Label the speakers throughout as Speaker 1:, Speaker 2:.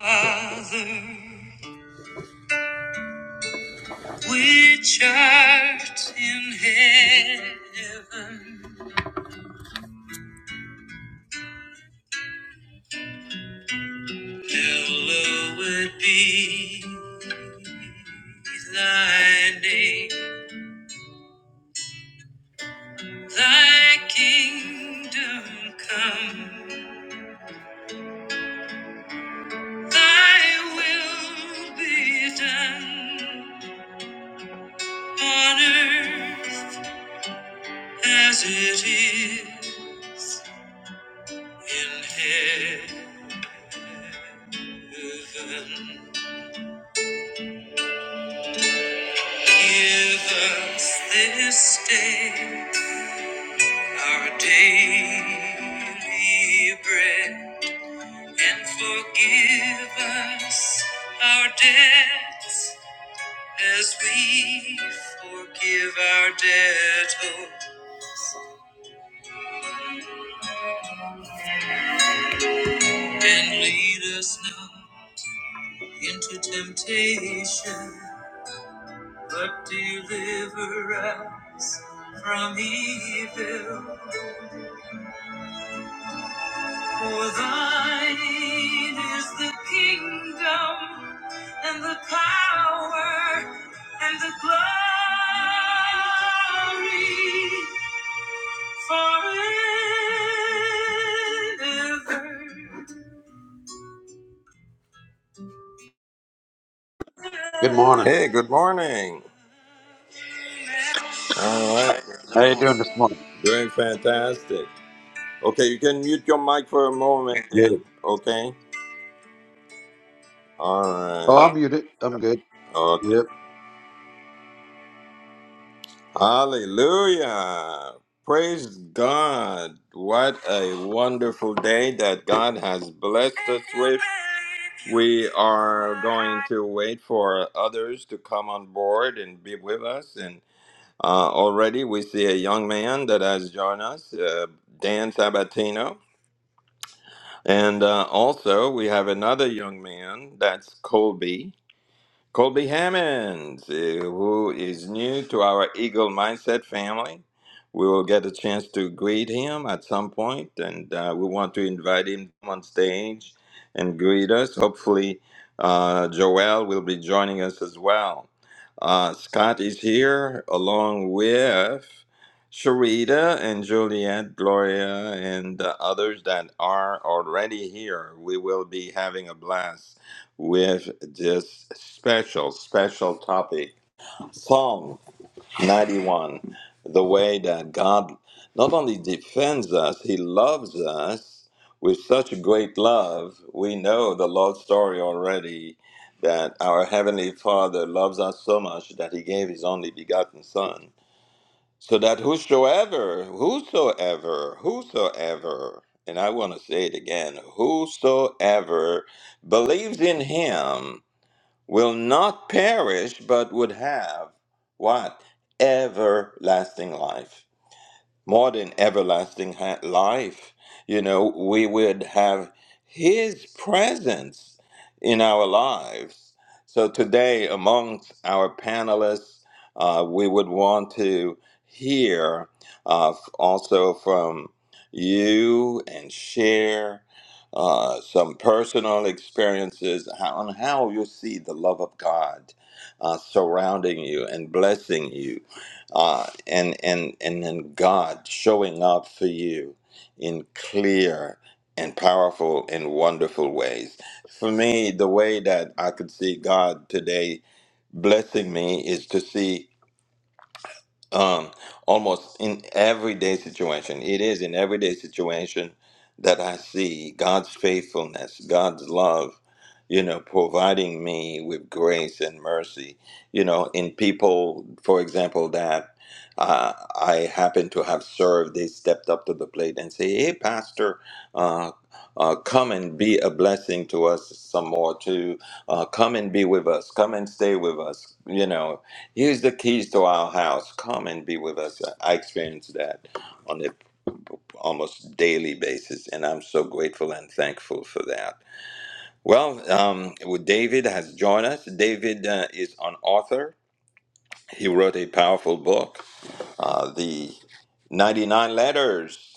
Speaker 1: Father, which art in heaven, hallowed be thy name. Thy kingdom come, thy will be done on earth as it is in heaven. Give us this day Our daily bread and forgive us our debts as we forgive our debtors. And lead us not into temptation, but deliver us from evil. For thine is the kingdom and the power and the glory forever.
Speaker 2: Good morning.
Speaker 1: Hey, good morning. All right,
Speaker 2: How you doing this morning?
Speaker 1: doing fantastic. Okay, you can mute your mic for a moment,
Speaker 2: Good.
Speaker 1: then. Okay.
Speaker 2: Oh, I'm
Speaker 1: All
Speaker 2: muted. I'm good.
Speaker 1: right.
Speaker 2: Yep.
Speaker 1: Hallelujah. Praise God. What a wonderful day that God has blessed us with. We are going to wait for others to come on board and be with us. And uh, already we see a young man that has joined us, uh, Dan Sabatino. And uh, also we have another young man, that's Colby. Colby Hammond, uh, who is new to our Eagle Mindset family. We will get a chance to greet him at some point, and uh, we want to invite him on stage and greet us. Hopefully, uh, Joel will be joining us as well. Uh, Scott is here along with Sharita and Juliet, Gloria, and uh, others that are already here. We will be having a blast with this special, special topic Psalm 91 the way that God not only defends us, He loves us with such great love. We know the Lord's story already that our Heavenly Father loves us so much that He gave His only begotten Son. So that whosoever, whosoever, whosoever, and I want to say it again, whosoever believes in him will not perish, but would have what? Everlasting life more than everlasting ha- life. You know, we would have His presence in our lives. So today, amongst our panelists, uh, we would want to hear uh, f- also from you and share uh, some personal experiences how, on how you see the love of God uh, surrounding you and blessing you uh, and and and then God showing up for you in clear and powerful and wonderful ways. For me, the way that I could see God today blessing me is to see um, almost in everyday situation. It is in everyday situation that I see God's faithfulness, God's love, you know, providing me with grace and mercy, you know, in people, for example, that uh, I happen to have served, they stepped up to the plate and say, hey, Pastor, uh, uh, come and be a blessing to us some more, to uh, come and be with us, come and stay with us, you know, Use the keys to our house. Come and be with us. I experience that on a almost daily basis, and I'm so grateful and thankful for that. Well, um, well, David has joined us. David uh, is an author. He wrote a powerful book, uh, the 99 Letters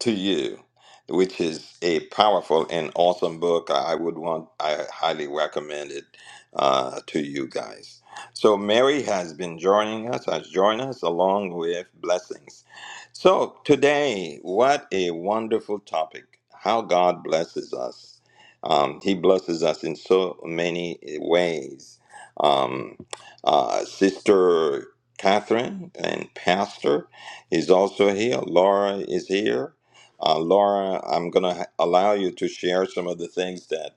Speaker 1: to you, which is a powerful and awesome book. I would want, I highly recommend it uh, to you guys. So Mary has been joining us, has joined us along with blessings. So today, what a wonderful topic! How God blesses us. Um, he blesses us in so many ways. Um, uh, Sister Catherine and Pastor is also here. Laura is here uh, Laura, I'm going to allow you to share some of the things that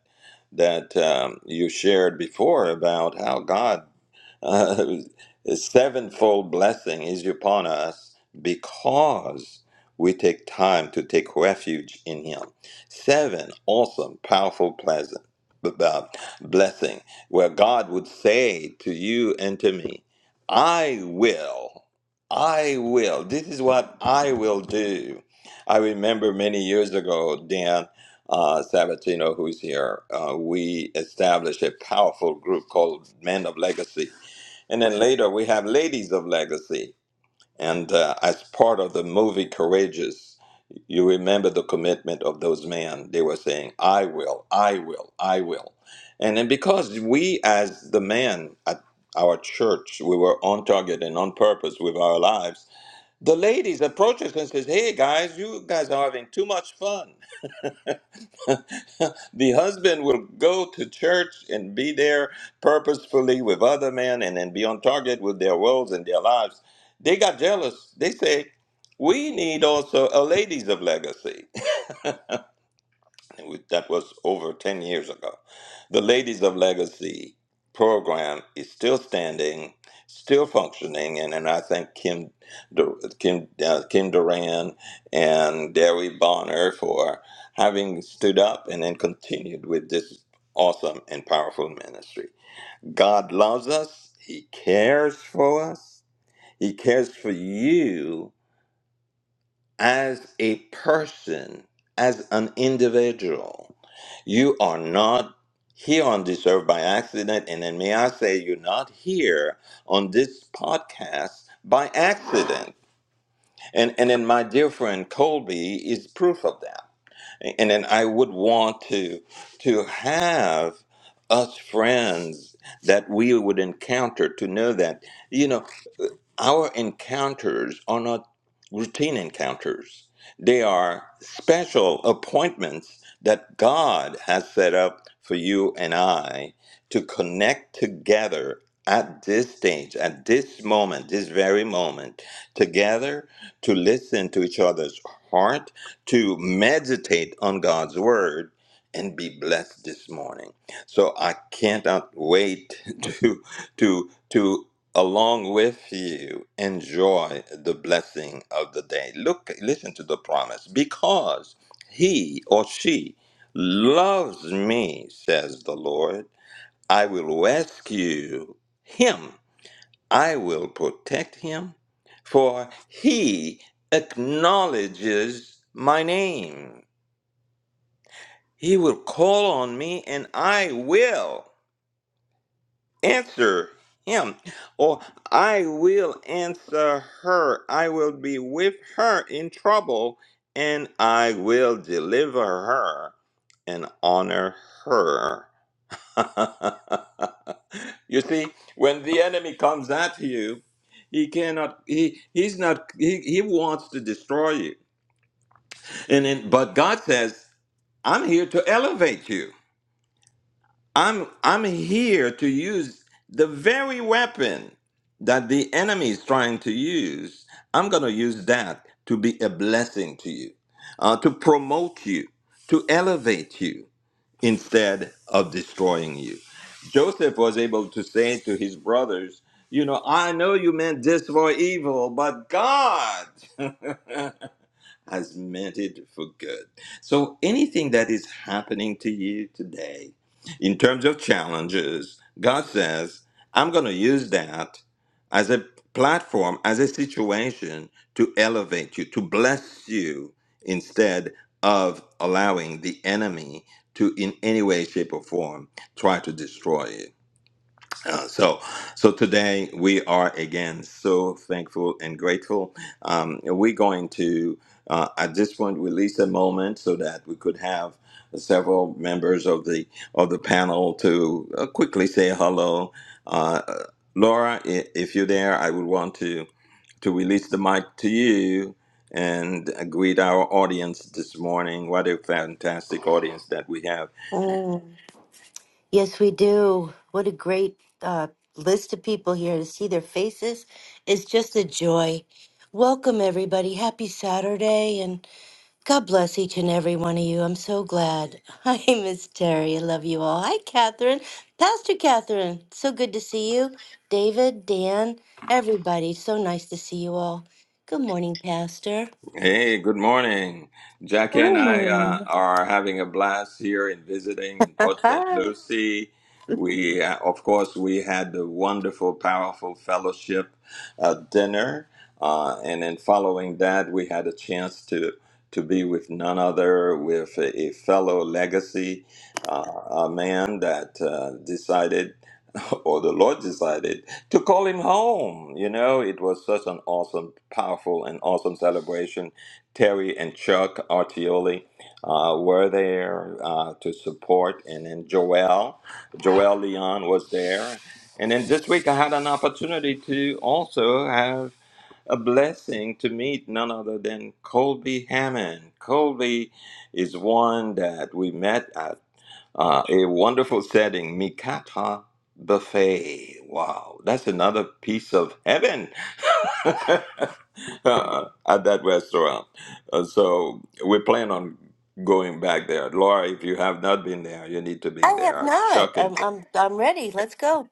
Speaker 1: that um, you shared before about how God uh, a sevenfold blessing is upon us because we take time to take refuge in Him. Seven awesome, powerful, pleasant uh, blessing where God would say to you and to me, I will, I will. This is what I will do. I remember many years ago, Dan uh, Sabatino, who's here, uh, we established a powerful group called Men of Legacy and then later we have Ladies of Legacy. And uh, as part of the movie Courageous, you remember the commitment of those men. They were saying, I will, I will, I will. And then because we, as the men at our church, we were on target and on purpose with our lives, the ladies approach us and says, Hey guys, you guys are having too much fun. the husband will go to church and be there purposefully with other men and then be on target with their roles and their lives. They got jealous. They say, we need also a ladies of legacy that was over 10 years ago. The Ladies of Legacy program is still standing, still functioning, and, and I think Kim Dur- Kim uh, Kim Duran and Derry Bonner for having stood up and then continued with this awesome and powerful ministry. God loves us. He cares for us. He cares for you as a person, as an individual. You are not here on this earth by accident. And then may I say, you're not here on this podcast by accident. And, and then my dear friend Colby is proof of that. And then I would want to, to have us friends that we would encounter to know that, you know our encounters are not routine encounters. They are special appointments that God has set up for you and I to connect together at this stage, at this moment, this very moment, together to listen to each other's heart, to meditate on God's word, and be blessed this morning. So I cannot wait to to to along with you enjoy the blessing of the day look listen to the promise because he or she loves me says the lord i will rescue him i will protect him for he acknowledges my name he will call on me and i will answer him, or I will answer her. I will be with her in trouble, and I will deliver her and honor her. you see, when the enemy comes at you, he cannot he he's not he, he wants to destroy you. And then but God says, I'm here to elevate you. I'm I'm here to use the very weapon that the enemy is trying to use. I'm going to use that to be a blessing to you, uh, to promote you, to elevate you instead of destroying you. Joseph was able to say to his brothers, "You know, I know you meant this for evil, but God." has meant it for good. So anything that is happening to you today, in terms of challenges, God says, I'm going to use that as a platform, as a situation to elevate you, to bless you, instead of allowing the enemy to, in any way, shape, or form, try to destroy you. Uh, so so today we are again so thankful and grateful um, we're going to uh, at this point release a moment so that we could have several members of the of the panel to uh, quickly say hello uh, laura i- if you're there i would want to to release the mic to you and greet our audience this morning what a fantastic audience that we have
Speaker 3: Oh, yes, we do. What a great uh, list of people here to see their faces. It's just a joy. Welcome, everybody. Happy Saturday, and God bless each and every one of you. I'm so glad. Hi, Miss Terry. I love you all. Hi, Catherine. Pastor Catherine. So good to see you. David, Dan, everybody. So nice to see you all. Good morning, Pastor.
Speaker 1: Hey, good morning. Jackie and I uh,
Speaker 3: Morning.
Speaker 1: are having a blast here in visiting in Port St. Lucie. We, uh, of course, we had the wonderful, powerful fellowship uh, dinner, uh, and then following that, we had a chance to to be with none other, with a, a fellow legacy uh, a man that uh, decided. or the Lord decided to call him home. You know, it was such an awesome, powerful, and awesome celebration. Terry and Chuck Artioli uh, were there uh, to support, and then Joel, Joel Leon was there. And then this week I had an opportunity to also have a blessing to meet none other than Colby Hammond. Colby is one that we met. uh, uh, a wonderful setting, Mikata Buffet. Wow, that's another piece of heaven uh, at that restaurant. Uh, so we plan on going back there. Laura, if you have not been there, you need to
Speaker 3: I
Speaker 1: be
Speaker 3: have
Speaker 1: there.
Speaker 3: not.
Speaker 1: Chuck and
Speaker 3: I'm
Speaker 1: Terry.
Speaker 3: I'm I'm ready. Let's go.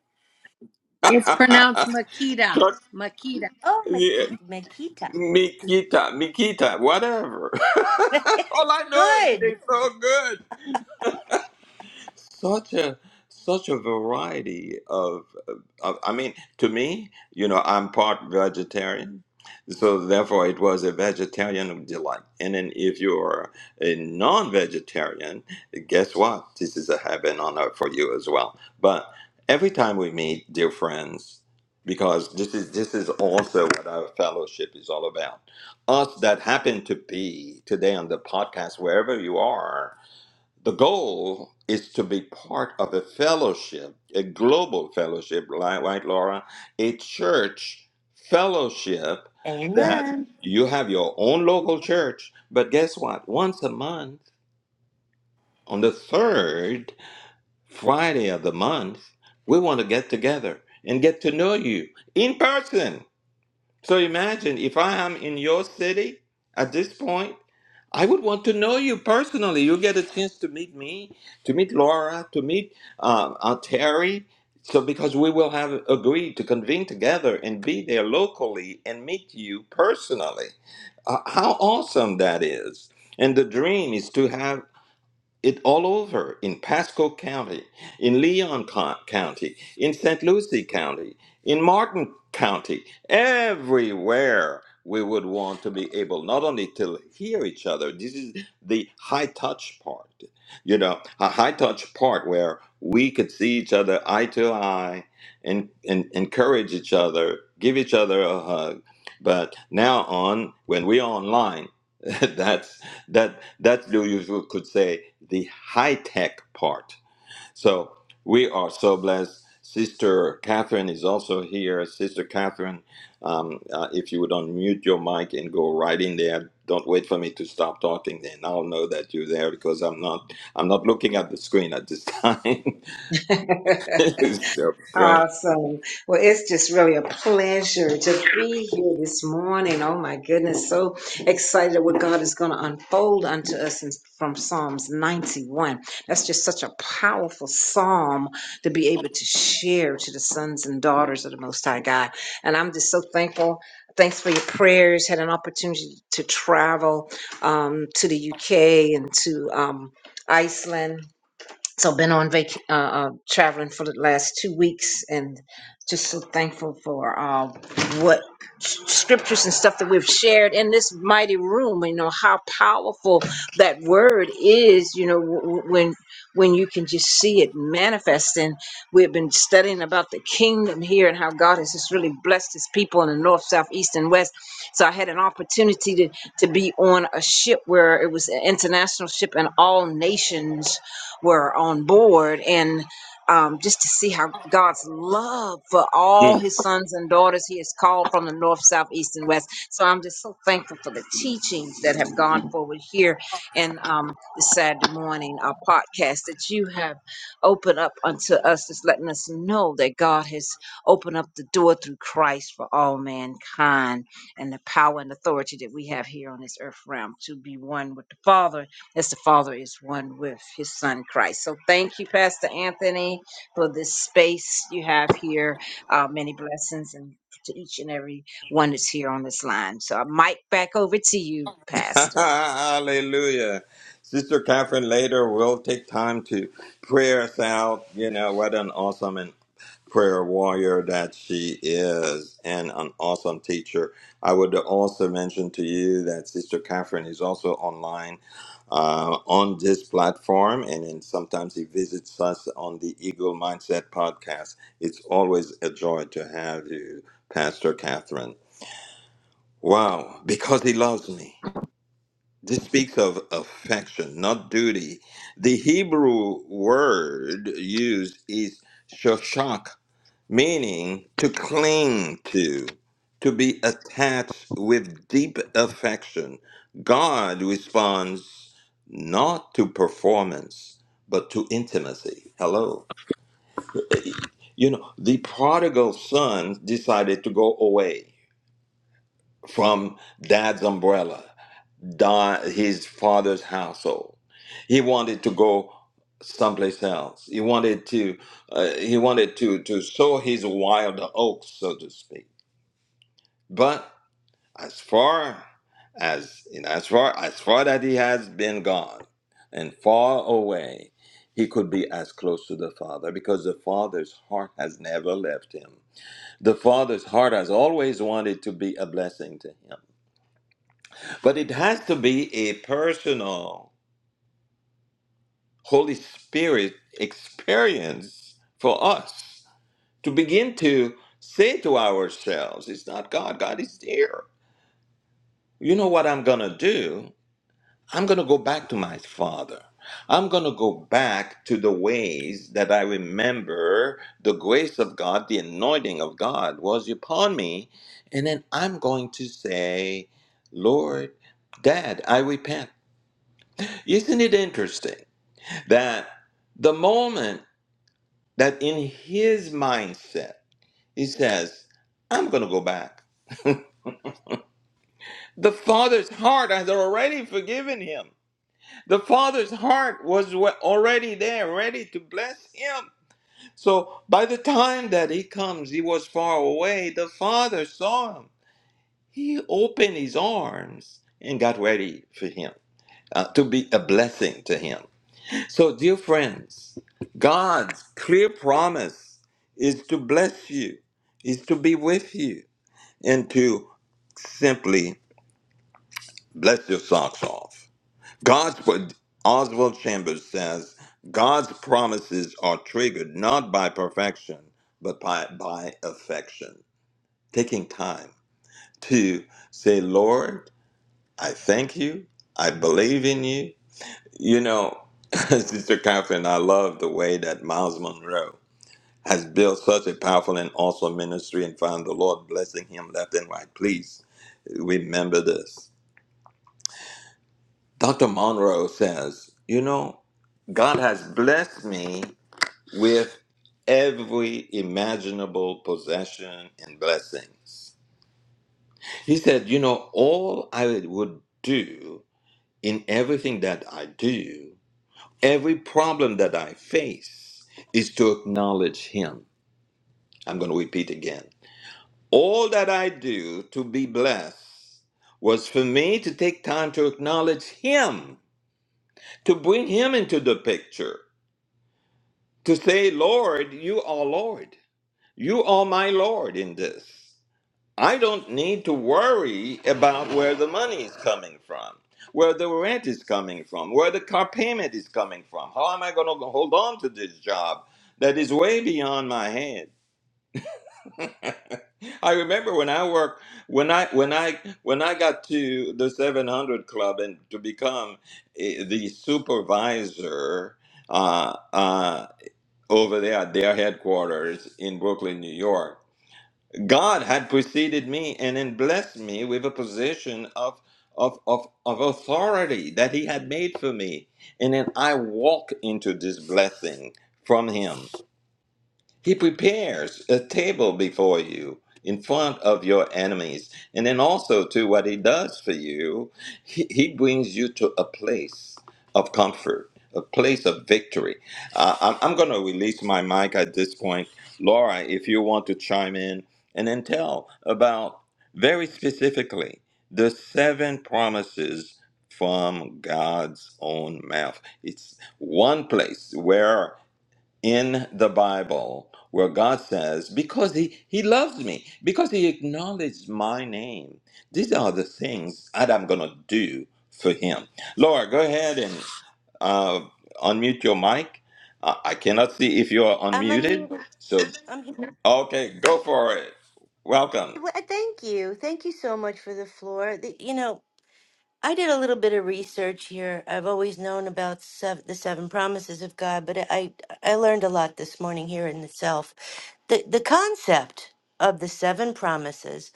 Speaker 4: It's pronounced Makita.
Speaker 1: Chuck,
Speaker 4: Makita.
Speaker 3: Oh,
Speaker 1: yeah,
Speaker 3: Maki- Makita.
Speaker 1: Mikita, Mikita, whatever. All
Speaker 3: it's
Speaker 1: I know is they
Speaker 3: good.
Speaker 1: so good. such a such a variety of, of i mean to me you know i'm part vegetarian so therefore it was a vegetarian delight and then if you're a non-vegetarian guess what this is a heaven on earth for you as well but every time we meet dear friends because this is this is also what our fellowship is all about us that happen to be today on the podcast wherever you are the goal is to be part of a fellowship, a global fellowship, like right, Laura, a church fellowship that
Speaker 3: Amen.
Speaker 1: you have your own local church. But guess what? Once a month, on the third Friday of the month, we want to get together and get to know you in person. So imagine if I am in your city at this point, I would want to know you personally. You get a chance to meet me, to meet Laura, to meet uh, uh, Terry. So because we will have agreed to convene together and be there locally and meet you personally. Uh, how awesome that is! And the dream is to have it all over in Pasco County, in Leon Co- County, in St. Lucie County, in Martin County, everywhere we would want to be able not only to hear each other, this is the high touch part, you know, a high touch part where we could see each other eye to eye and, and encourage each other, give each other a hug. But now on, when we're online, that's that that you usually could say the high tech part. So we are so blessed. Sister Catherine is also here. Sister Catherine, um, uh, if you would unmute your mic and go right in there. Don't wait for me to stop talking. Then I'll know that you're there because I'm not. I'm not looking at the screen at this time. so, great.
Speaker 5: Awesome. Well, it's just really a pleasure to be here this morning. Oh my goodness. So excited at what God is going to unfold unto us in, from Psalms 91. That's just such a powerful psalm to be able to share to the sons and daughters of the Most High God. And I'm just so thankful. Thanks for your prayers. Had an opportunity to travel um, to the UK and to um, Iceland so been on vac- uh, uh, traveling for the last two weeks and just so thankful for uh, what s- scriptures and stuff that we've shared in this mighty room you know how powerful that word is you know w- w- when when you can just see it manifest and we've been studying about the kingdom here and how god has just really blessed his people in the north south east and west so i had an opportunity to to be on a ship where it was an international ship and all nations were on board and um, just to see how God's love for
Speaker 1: Hmm.
Speaker 5: all his sons and daughters he has called from the north, south, east, and west. So I'm just so thankful for the teachings that have gone forward here and um, this Saturday morning, our podcast that you have opened up unto us, is letting us know that God has opened up the door through Christ for all mankind and the power and authority that we have here on this earth realm to be one with the Father as the Father is one with his Son Christ. So thank you, Pastor Anthony, for this space you have here. Uh, many blessings and to each and every one that's here on this line. So I mic back over to you, Pastor.
Speaker 1: Hallelujah. Sister Catherine later will take time to pray us out. You know, what an awesome and prayer warrior that she is and an awesome teacher. I would also mention to you that Sister Catherine is also online uh, on this platform, and then sometimes he visits us on the Eagle Mindset podcast. It's always a joy to have you, Pastor Catherine. Wow, because he loves me. This speaks of affection, not duty. The Hebrew word used is shoshak, meaning to cling to, to be attached with deep affection. God responds not to performance, but to intimacy. Hello. You know, the prodigal son decided to go away from dad's umbrella Don, his father's household. He wanted to go someplace else. He wanted to uh, he wanted to to sow his wild oats, so to speak. But as far as you know, as far as far that he has been gone and far away, he could be as close to the father because the father's heart has never left him. The father's heart has always wanted to be a blessing to him, but it has to be a personal. Holy Spirit experience for us to begin to say to ourselves, it's not God, God is there. You know what I'm going to do? I'm going to go back to my Father. I'm going to go back to the ways that I remember the grace of God, the anointing of God was upon me. And then I'm going to say, Lord, Dad, I repent. Isn't it interesting that the moment that in his mindset, he says, I'm going to go back. The father's heart has already forgiven him. The father's heart was wa- already there, ready to bless him. So by the time that he comes, he was far away. The father saw him. He opened his arms and got ready for him uh, to be a blessing to him. So, dear friends, God's clear promise is to bless you, is to be with you into simply bless your socks off. God's what Oswald Chambers says God's promises are triggered not by perfection, but by, by affection. Taking time to say, Lord, I thank you. I believe in you. You know, Sister Catherine, I love the way that Miles Monroe has built such a powerful and awesome ministry and found the Lord blessing him left and right. Please remember this Dr. Monroe says, You know, God has blessed me with every imaginable possession and blessings. He said, You know, all I would do in everything that I do, every problem that I face, is to acknowledge Him. I'm going to repeat again. All that I do to be blessed was for me to take time to acknowledge Him, to bring Him into the picture to say, Lord, you are Lord. You are my Lord in this. I don't need to worry about where the money is coming from, where the rent is coming from, where the car payment is coming from. How am I going to hold on to this job that is way beyond my head? I remember when I worked when I when I when I got to the 700 club and to become eh, the supervisor uh, uh, over there at their headquarters in Brooklyn, New York. God had preceded me and then blessed me with a position of, of, of, of authority that He had made for me. And then I walk into this blessing from Him. He prepares a table before you in front of your enemies. And then also, to what he does for you, he, he brings you to a place of comfort, a place of victory. Uh, I'm, I'm going to release my mic at this point. Laura, if you want to chime in and then tell about very specifically the seven promises from God's own mouth. It's one place where in the Bible where God says, because he, he loves me, because he acknowledged my name. These are the things that I'm going to do for him. Laura, go ahead and uh, unmute your mic. Uh, I cannot see if you are
Speaker 3: I'm
Speaker 1: unmuted.
Speaker 3: unmuted.
Speaker 1: So,
Speaker 3: I'm here.
Speaker 1: okay, go for it. Welcome.
Speaker 3: Well, thank you. Thank you so much for the floor. The- you know, I did a little bit of research here. I've always known about sev the seven promises of God, but I I learned a lot this morning here in itself. The the concept of the seven promises,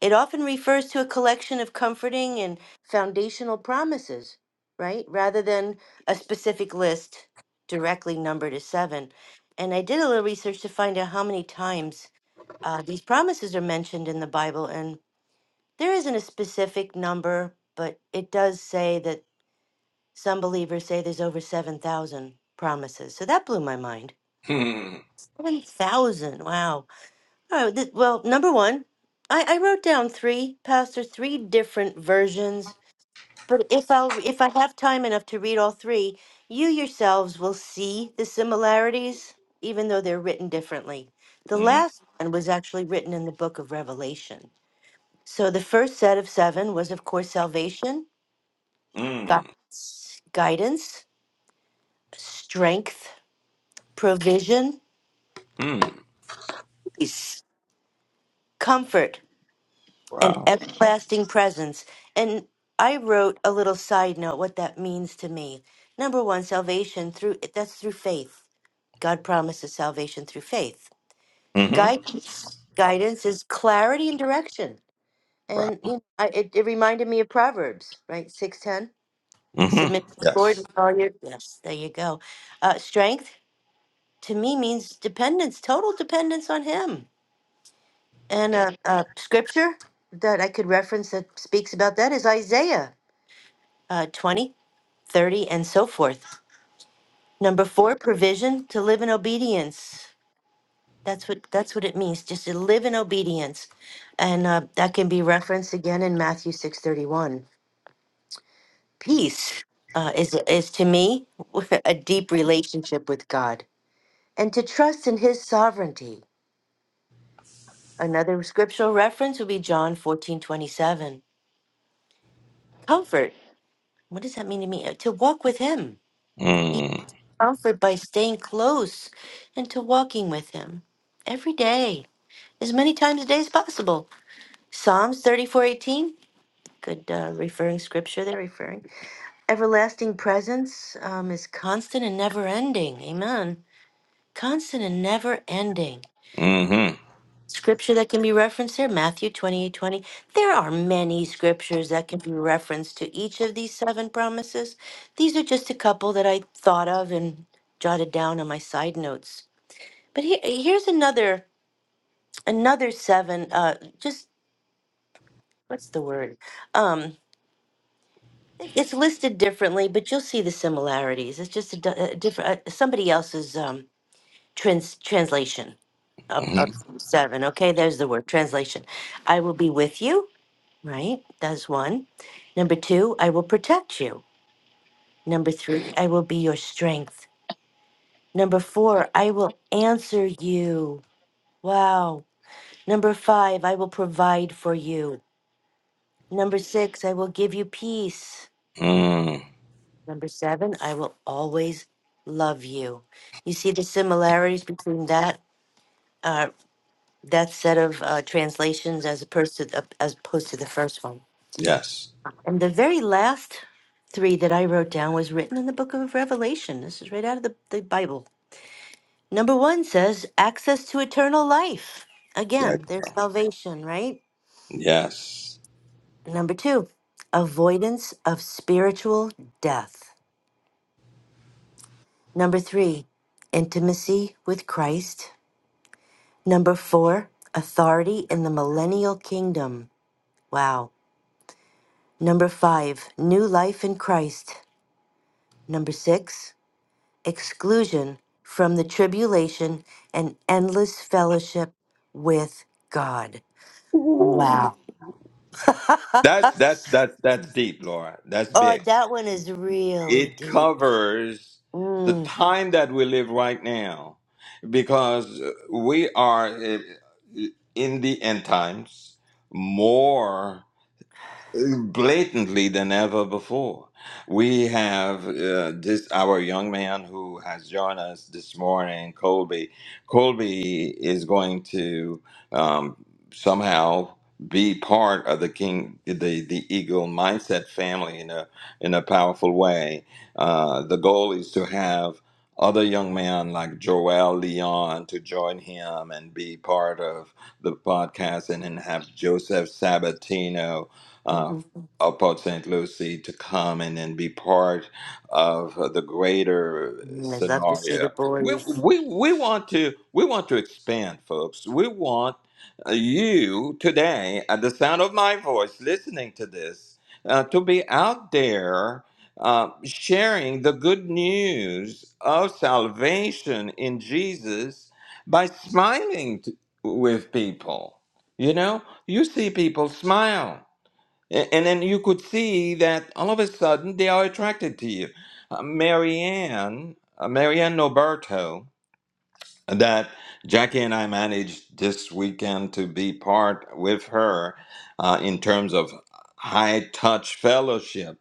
Speaker 3: it often refers to a collection of comforting and foundational promises, right? Rather than a specific list directly numbered as seven. And I did a little research to find out how many times uh, these promises are mentioned in the Bible, and. There isn't a specific number, but it does say that some believers say there's over 7,000 promises. So that blew my mind.
Speaker 1: Mm,
Speaker 3: 7,000. Wow. Oh, th- well, number one, I, I wrote down three, Pastor, three different versions. But if I'll if I have time enough to read all three, you yourselves will see the similarities, even though they're written differently. The
Speaker 1: mm,
Speaker 3: last one was actually written in the book of Revelation. So the first set of seven was, of course, salvation. gu-
Speaker 1: mm,
Speaker 3: guidance, strength, provision,
Speaker 1: mm.
Speaker 3: peace, comfort, and
Speaker 1: Wow.
Speaker 3: everlasting presence. And I wrote a little side note what that means to me. Number one, salvation through that's through faith. God promises salvation through faith.
Speaker 1: Mm-hmm.
Speaker 3: Guidance, guidance is clarity and direction.
Speaker 1: Wow.
Speaker 3: And you know, I, it, it reminded me of Proverbs, right? Six ten.
Speaker 1: Mm-hmm.
Speaker 3: Submit to the Lord
Speaker 1: Yes.
Speaker 3: with all your yes. There you go. Uh, strength to me means dependence, total dependence on Him. And a, a scripture that I could reference that speaks about that is Isaiah uh, 20, thirty, and so forth. Number four, provision to live in obedience. That's what that's what it means, just to live in obedience, and uh, that can be referenced again in Matthew six thirty one. Peace uh, is is to me a deep relationship with God, and to trust in His sovereignty Another scriptural reference would be John fourteen twenty seven. Comfort. What does that mean to me? Uh, To walk with him. He
Speaker 1: Mm,
Speaker 3: comfort by staying close and to walking with him every day, as many times a day as possible. Psalms thirty four eighteen. Good uh, referring scripture there, referring. Everlasting presence um, is constant and never ending. Amen. Constant and never ending.
Speaker 1: mm-hmm.
Speaker 3: scripture that can be referenced here Matthew 28 twenty. There are many scriptures that can be referenced to each of these seven promises. These are just a couple that I thought of and jotted down on my side notes. But here, here's another another seven uh just what's the word um it's listed differently but you'll see the similarities it's just a, di- a different uh, somebody else's um trans translation of,
Speaker 1: Mm-hmm.
Speaker 3: of seven okay there's the word translation i will be with you right? That's one. Number two, I will protect you. Number three, I will be your strength. Number four, I will answer you. Wow. Number five, I will provide for you. Number six, I will give you peace.
Speaker 1: Mm,
Speaker 3: Number seven, I will always love you. You see the similarities between that uh, that set of uh, translations as opposed to the, as opposed to the first one.
Speaker 1: yes.
Speaker 3: And the very last three that I wrote down was written in the book of Revelation. This is right out of the, the Bible. Number one says, access to eternal life.
Speaker 1: Yeah.
Speaker 3: Again, there's salvation, right?
Speaker 1: Yes.
Speaker 3: Number two, avoidance of spiritual death. Number three, intimacy with Christ. Number four, authority in the millennial kingdom. Wow. Number five, new life in Christ. Number six, exclusion from the tribulation and endless fellowship with God. Wow.
Speaker 1: That's
Speaker 3: oh,
Speaker 1: that's that's that's deep, Laura. That's big.
Speaker 3: that one is really
Speaker 1: It
Speaker 3: deep.
Speaker 1: covers the
Speaker 3: Mm,
Speaker 1: time that we live right now because we are eh, in the end times more blatantly than ever before. We have uh, this our young man who has joined us this morning, Colby. Colby is going to um, somehow be part of the king, the the Eagle mindset family in a in a powerful way. Uh, the goal is to have. Other young men like Joel Leon to join him and be part of the podcast, and then have Joseph Sabatino uh,
Speaker 3: mhm.
Speaker 1: of Port St. Lucie to come and then be part of the greater
Speaker 3: Mm, I'd love to see the
Speaker 1: scenario. We,
Speaker 3: boys.
Speaker 1: we, we want to we want to expand, folks. We want uh, you today, at the sound of my voice, listening to this, uh, to be out there uh, sharing the good news of salvation in Jesus by smiling t- with people. You know, you see people smile. A- And then you could see that all of a sudden they are attracted to you. Uh, Marianne, uh, Marianne Noberto, that Jackie and I managed this weekend to be part with her uh, in terms of high touch fellowship.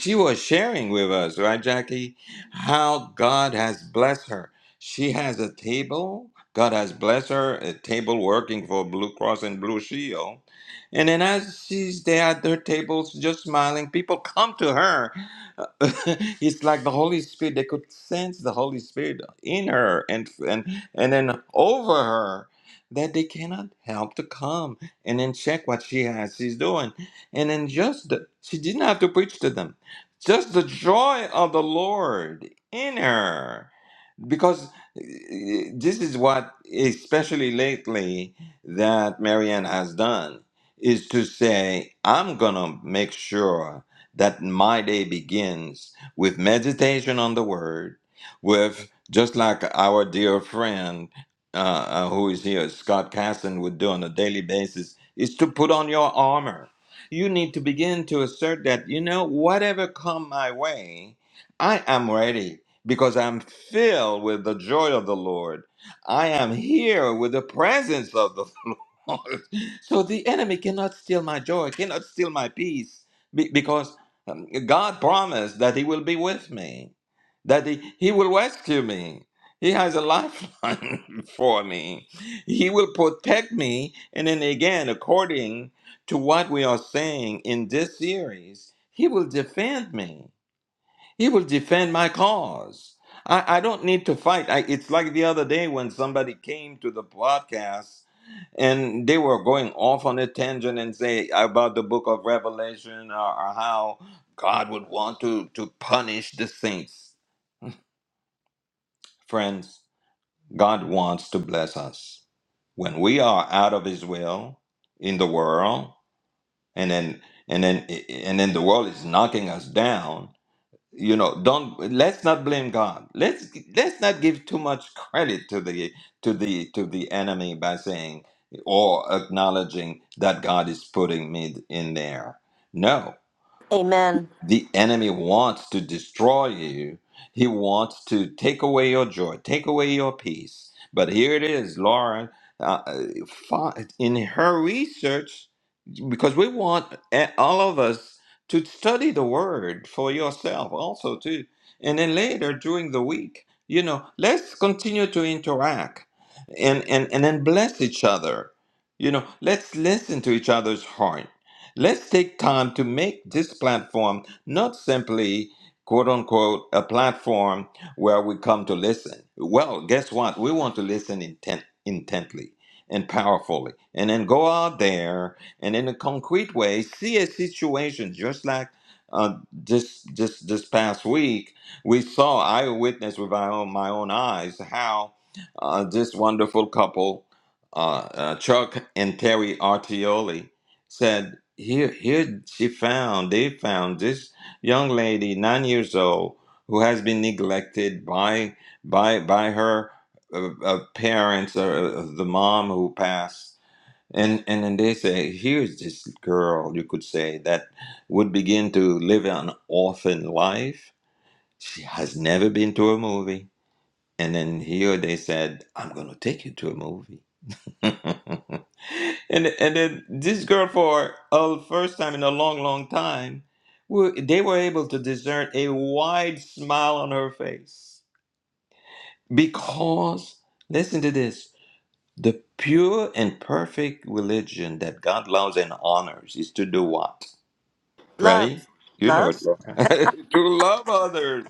Speaker 1: She was sharing with us, right, Jackie, how God has blessed her. She has a table. God has blessed her, a table working for Blue Cross and Blue Shield. And then as she's there at their tables, just smiling, people come to her it's like the Holy Spirit. They could sense the Holy Spirit in her and and and then over her that they cannot help to come and then check what she has she's doing and then just the, she didn't have to preach to them just the joy of the lord in her because uh, this is what especially lately that marianne has done is to say i'm gonna make sure that my day begins with meditation on the word with just like our dear friend uh, uh, who is here scott casson would do on a daily basis is to put on your armor you need to begin to assert that you know whatever come my way i am ready because I'm filled with the joy of the Lord. I am here with the presence of the Lord. So the enemy cannot steal my joy, cannot steal my peace, be- because um, God promised that He will be with me, that He, he will rescue me. He has a lifeline for me. He will protect me. And then again, according to what we are saying in this series, He will defend me. He will defend my cause. I, I don't need to fight. I, it's like the other day when somebody came to the podcast and they were going off on a tangent and say about the book of Revelation or, or how God would want to, to punish the saints. Friends, God wants to bless us. When we are out of his will in the world and then and then and then the world is knocking us down you know don't let's not blame god let's let's not give too much credit to the to the to the enemy by saying or acknowledging that god is putting me in there no
Speaker 3: Amen.
Speaker 1: the enemy wants to destroy you. He wants to take away your joy, take away your peace. But here it is, Lauren. Uh, uh, fi- in her research, because we want a- all of us to study the word for yourself also too, and then later during the week, you know, let's continue to interact and and and then bless each other. You know, let's listen to each other's heart Let's take time to make this platform not simply, quote unquote, a platform where we come to listen. Well, guess what? We want to listen intent, intently and powerfully, and then go out there and in a concrete way see a situation, just like uh, this this this past week we saw. I witnessed with my own my own eyes how uh, this wonderful couple, uh, uh, Chuck and Terry Artioli said here here she found they found this young lady nine years old who has been neglected by by by her uh, uh, parents or uh, the mom who passed and and then they say here's this girl you could say that would begin to live an orphan life she has never been to a movie and then here they said i'm going to take you to a movie and and then this girl for a first time in a long, long time, were- they were able to discern a wide smile on her face because listen to this: the pure and perfect religion that God loves and honors is to do what?
Speaker 3: Love.
Speaker 1: Ready? You know
Speaker 3: Love?
Speaker 1: it. Laura. to love others.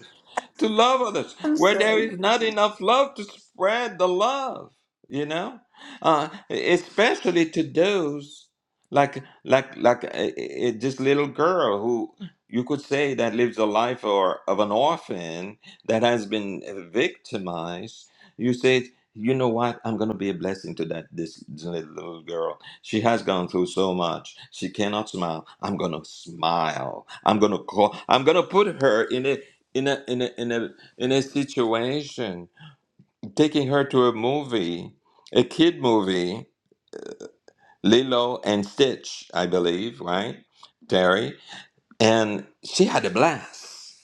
Speaker 1: to love others
Speaker 3: I'm
Speaker 1: where there
Speaker 3: sorry.
Speaker 1: is not enough love to spread the love you know uh, especially to those like like like uh, uh, uh, this little girl who you could say that lives a life or of an orphan that has been victimized you say you know what i'm going to be a blessing to that this, this little little girl she has gone through so much she cannot smile i'm going to smile i'm going to call i'm going to put her in a in a in a in a in a situation taking her to a movie a kid movie lilo and stitch i believe right terry and she had a blast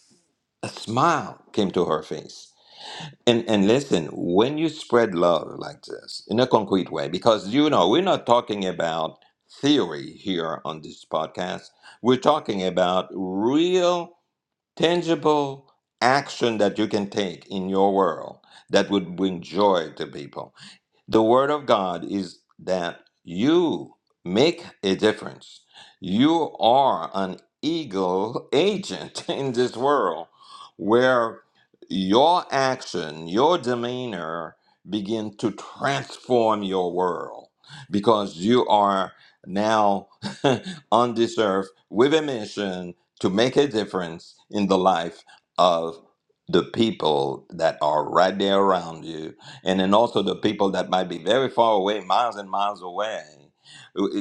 Speaker 1: a smile came to her face and and listen when you spread love like this in a concrete way because you know we're not talking about theory here on this podcast we're talking about real tangible action that you can take in your world that would bring joy to people. The word of God is that you make a difference. You are an eagle agent in this world where your action, your demeanor begin to transform your world because you are now on this earth with a mission to make a difference in the life of the people that are right there around you and then also the people that might be very far away, miles and miles away.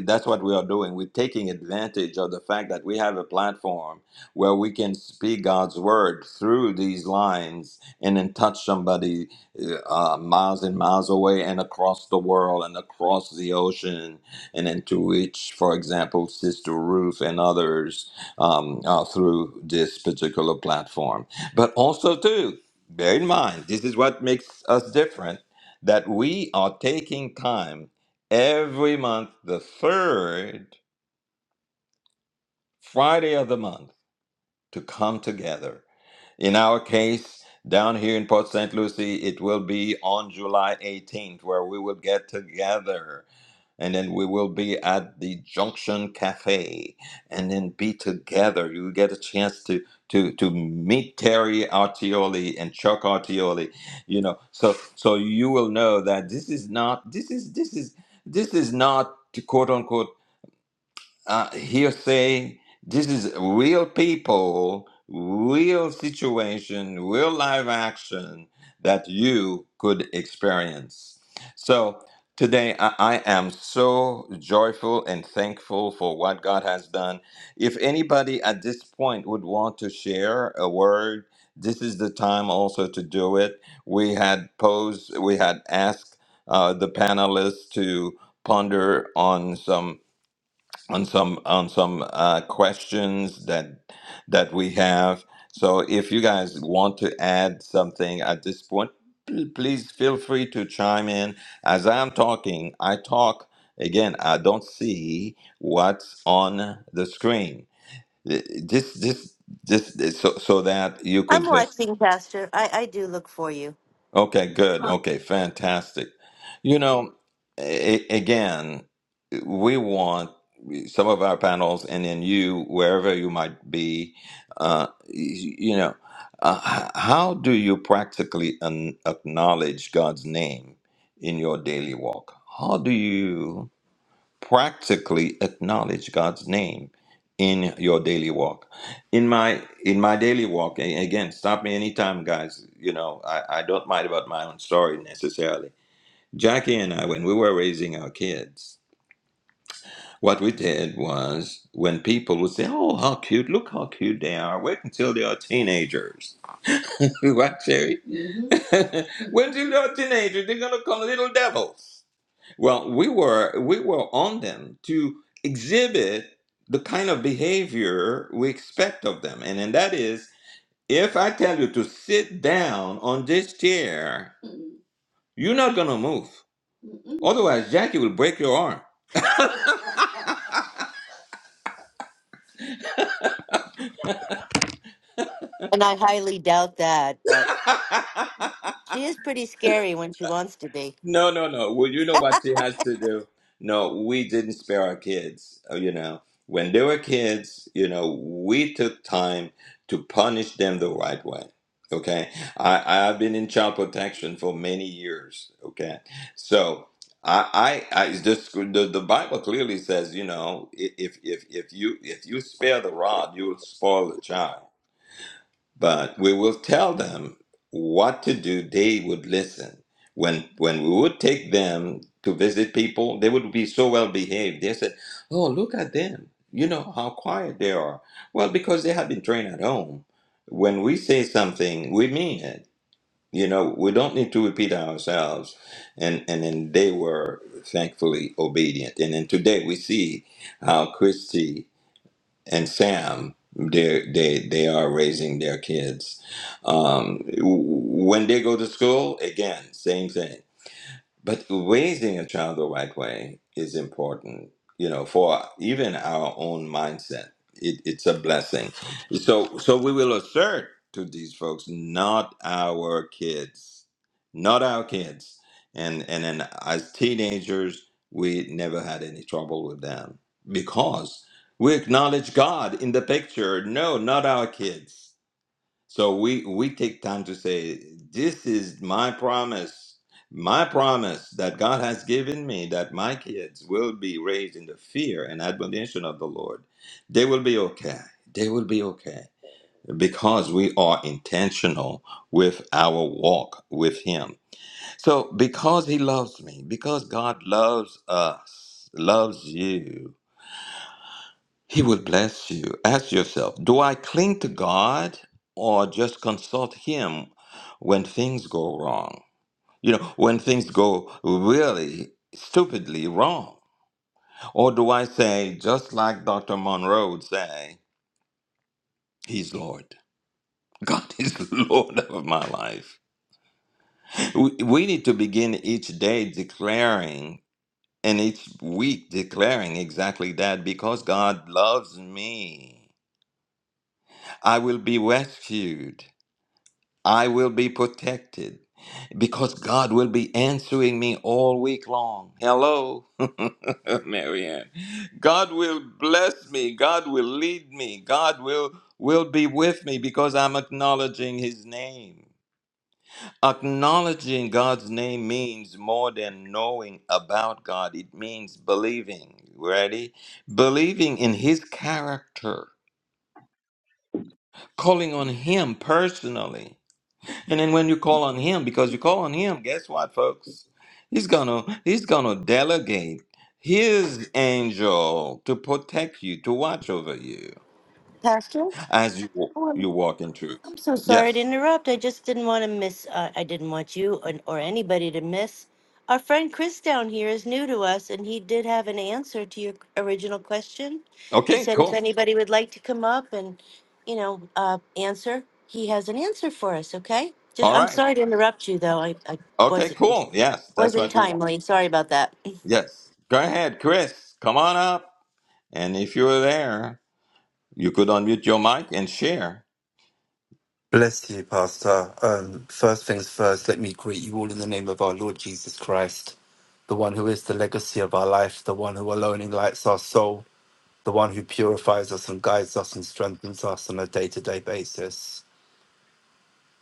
Speaker 1: That's what we are doing. We're taking advantage of the fact that we have a platform where we can speak God's word through these lines and then touch somebody uh, uh, miles and miles away and across the world and across the ocean and then to reach, for example, Sister Ruth and others um, uh, through this particular platform. But also, too, Bear in mind, this is what makes us different that we are taking time every month, the third Friday of the month, to come together. In our case, down here in Port St. Lucie, it will be on July 18th where we will get together and then we will be at the Junction Cafe, and then be together. You get a chance to to to meet Terry Artioli and Chuck Artioli, you know. So so you will know that this is not this is this is this is not quote unquote uh, will say this is real people, real situation, real live action that you could experience. So today I, I am so joyful and thankful for what God has done. If anybody at this point would want to share a word, this is the time also to do it. We had posed, we had asked uh, the panelists to ponder on some on some on some uh, questions that that we have. So if you guys want to add something at this point, pl- please feel free to chime in. As I'm talking, I talk again. I don't see what's on the screen. Th- This this this, this so so that you could
Speaker 3: I'm
Speaker 1: just
Speaker 3: watching, Pastor. I, I do look for you.
Speaker 1: Okay, good. Okay, fantastic. You know, a- again, we want some of our panels, and then you, wherever you might be, uh, y- you know, uh, h- how do you practically an- acknowledge God's name in your daily walk? How do you? practically acknowledge God's name in your daily walk. In my in my daily walk, a- again, stop me anytime, guys. You know, I, I don't mind about my own story necessarily. Jackie and I, when we were raising our kids, what we did was when people would say, Oh, how cute, look how cute they are. Wait until they are teenagers. what, Sherry? When until they are teenagers, they're gonna come little devils. Well, we were we were on them to exhibit the kind of behavior we expect of them. And and that is if I tell you to sit down on this chair, you're not gonna move. Otherwise, Jackie will break your arm.
Speaker 3: And I highly doubt that, but she is pretty scary when she wants to be.
Speaker 1: No, no, no. Well, you know what she has to do. No, we didn't spare our kids. uh, You know, when they were kids, you know, we took time to punish them the right way. Okay, I I've been in child protection for many years. Okay, so. I, I, I it's the, the Bible clearly says, you know, i- if if if you if you spare the rod, you will spoil the child but we will tell them what to do they would listen when when we would take them to visit people they would be so well behaved they said oh look at them you know how quiet they are well because they have been trained at home when we say something we mean it you know we don't need to repeat ourselves and and then they were thankfully obedient and then today we see how christy and Sam, they they they are raising their kids. Um, when they go to school, again, same thing. But raising a child the right way is important, you know, for even our own mindset. It, it's a blessing. So, so we will assert to these folks, not our kids, not our kids. And and then as teenagers, we never had any trouble with them because we acknowledge God in the picture. No, not our kids. So we we take time to say, this is my promise, my promise that God has given me that my kids will be raised in the fear and admonition of the Lord. They will be okay. They will be okay because we are intentional with our walk with him. So because he loves me, because God loves us, loves you, he will bless you. Ask yourself do I cling to God or just consult Him when things go wrong? You know, when things go really stupidly wrong. Or do I say, just like Dr. Monroe would say, He's Lord? God is Lord of my life. We, we need to begin each day declaring and each week declaring exactly that because God loves me. I will be rescued. I will be protected because God will be answering me all week long. Hello, Marianne. God will bless me. God will lead me. God will will be with me because I'm acknowledging His name. Acknowledging God's name means more than knowing about God. It means believing. Ready? Believing in His character, calling on Him personally And then when you call on him, because you call on him, guess what, folks? He's gonna he's gonna delegate his angel to protect you, to watch over you
Speaker 3: Pastor?
Speaker 1: as you wa- you walk in truth.
Speaker 3: I'm so sorry to
Speaker 1: Yes.
Speaker 3: interrupt. I just didn't want to miss, uh, I didn't want you and, or anybody to miss. Our friend Chris down here is new to us, and he did have an answer to your original question. You
Speaker 1: Okay.
Speaker 3: said if
Speaker 1: Cool.
Speaker 3: anybody would like to come up and, you know, uh, answer, he has an answer for us, okay? Just,
Speaker 1: All
Speaker 3: I'm
Speaker 1: right.
Speaker 3: sorry to interrupt you, though. I, I
Speaker 1: Okay.
Speaker 3: wasn't,
Speaker 1: Cool. Yes, that's
Speaker 3: wasn't
Speaker 1: what we want.
Speaker 3: timely. Sorry about that.
Speaker 1: Yes. Go ahead, Chris. Come on up. And if you're there, you could unmute your mic and share.
Speaker 6: Bless you, Pastor. Um, first things first, let me greet you all in the name of our Lord Jesus Christ, the one who is the legacy of our life, the one who alone enlightens our soul, the one who purifies us and guides us and strengthens us on a day to day basis.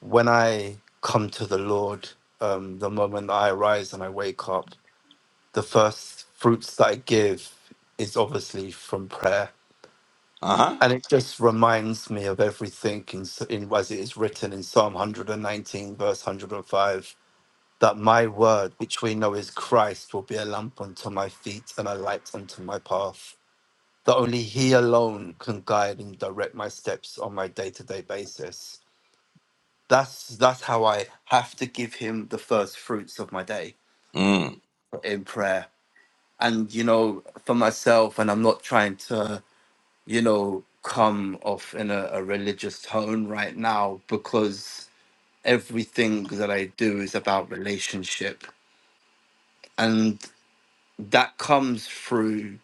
Speaker 6: When I come to the Lord, um, the moment I arise and I wake up, the first fruits that I give is obviously from prayer
Speaker 1: Uh huh.
Speaker 6: And it just reminds me of everything in, s- in as it is written in Psalm 119, verse 105, that my word, which we know is Christ, will be a lamp unto my feet and a light unto my path. That only He alone can guide and direct my steps on my day-to-day basis. That's that's how I have to give Him the first fruits of my day
Speaker 1: Mm.
Speaker 6: in prayer. And you know, for myself, and I'm not trying to. you know, come off in a, a religious tone right now because everything that I do is about relationship. And that comes through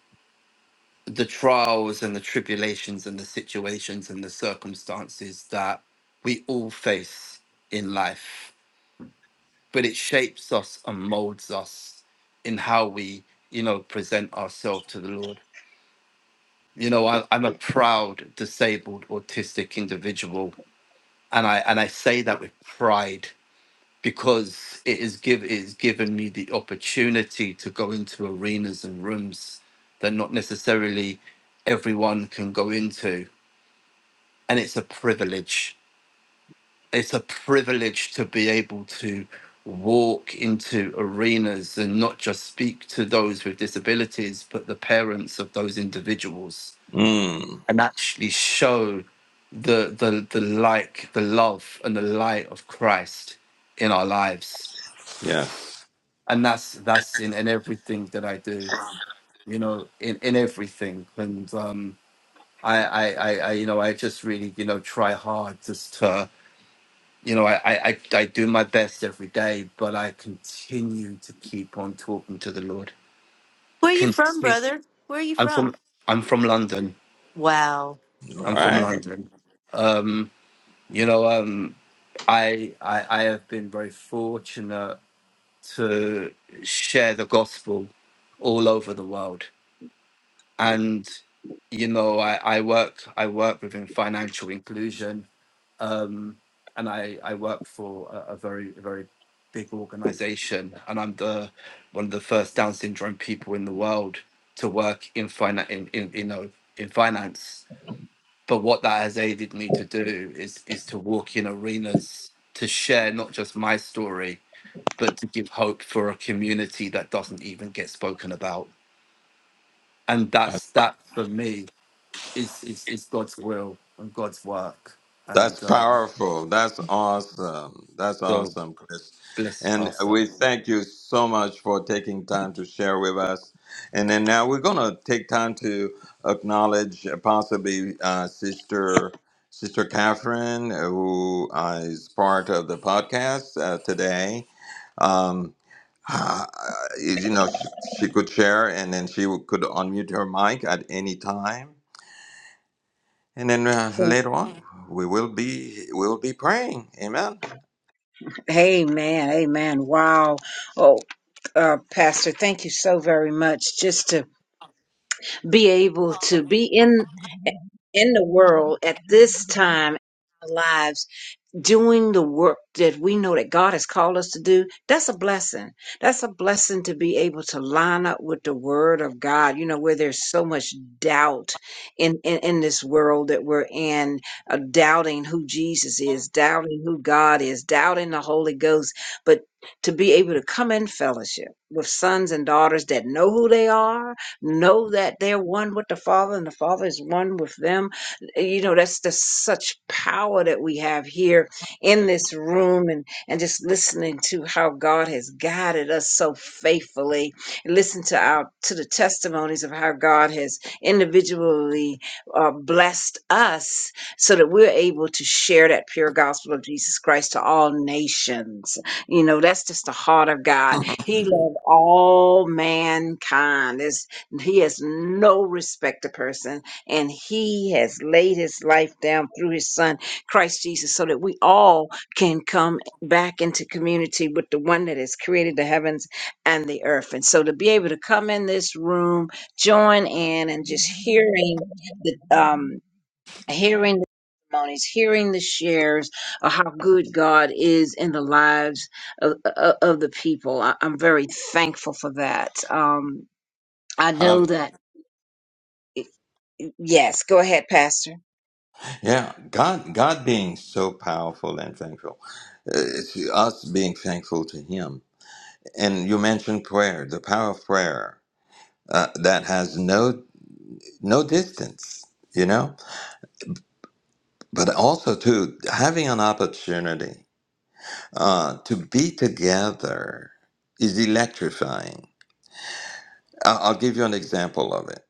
Speaker 6: the trials and the tribulations and the situations and the circumstances that we all face in life. But it shapes us and molds us in how we, you know, present ourselves to the Lord. You know, I, I'm a proud disabled autistic individual and I and I say that with pride because it is give it has given me the opportunity to go into arenas and rooms that not necessarily everyone can go into, and it's a privilege. It's a privilege to be able to walk into arenas and not just speak to those with disabilities, but the parents of those individuals
Speaker 1: Mm.
Speaker 6: and actually show the the the like the love and the light of Christ in our lives
Speaker 1: Yes.
Speaker 6: and that's that's in, in everything that I do you know in in everything and um I I I, I you know I just really you know try hard just to you know I, I I I do my best every day but I continue to keep on talking to the Lord
Speaker 3: Where are you from,
Speaker 6: Continue.
Speaker 3: brother? Where are you
Speaker 6: I'm
Speaker 3: from?
Speaker 6: from I'm from London
Speaker 3: Wow.
Speaker 1: All
Speaker 6: I'm from
Speaker 1: right.
Speaker 6: London um you know um I, I I have been very fortunate to share the gospel all over the world, and you know I, I work I work within financial inclusion, um, and I, I work for a, a very very big organization, and I'm the one of the first Down syndrome people in the world to work in finance in, in you know in finance but what that has aided me to do is is to walk in arenas to share not just my story but to give hope for a community that doesn't even get spoken about and that's that for me is is, is god's will and god's work
Speaker 1: That's
Speaker 6: and um,
Speaker 1: powerful. That's awesome. That's
Speaker 6: so
Speaker 1: awesome, Chris.
Speaker 6: bless you
Speaker 1: And
Speaker 6: pastor
Speaker 1: we thank you so much for taking time to share with us. And then now we're going to take time to acknowledge uh, possibly uh, Sister Sister Catherine, uh, who uh, is part of the podcast uh, today. Um, uh, you know, she, she could share and then she could unmute her mic at any time. And then uh, later on, we will be we will be praying. Amen.
Speaker 5: Amen. Amen. Wow. Oh, uh, Pastor, thank you so very much. Just to be able to be in in the world at this time, in our lives. doing the work that we know that God has called us to do, that's a blessing. That's a blessing to be able to line up with the word of God, you know, where there's so much doubt in, in, in this world that we're in, uh, doubting who Jesus is, doubting who God is, doubting the Holy Ghost. But to be able to come in fellowship with sons and daughters that know who they are, know that they're one with the Father and the Father is one with them, you know that's the such power that we have here in this room and, and just listening to how God has guided us so faithfully. Listen to our to the testimonies of how God has individually uh, blessed us so that we're able to share that pure gospel of Jesus Christ to all nations. You know, that's just the heart of God. He loved all mankind. There's, he has no respect to person, and he has laid his life down through his son Christ Jesus so that we all can come back into community with the one that has created the heavens and the earth. And so to be able to come in this room, join in and just hearing the um hearing the testimonies, hearing the shares of how good God is in the lives of, of, of the people. I, I'm very thankful for that. Um, I
Speaker 1: Hall-
Speaker 5: know that. Yes, go ahead, Pastor.
Speaker 1: yeah, God, God being so powerful and thankful, uh, it's us being thankful to Him. And you mentioned prayer, the power of prayer uh, that has no no distance, you know. But also too, having an opportunity uh, to be together is electrifying. I- I'll give you an example of it.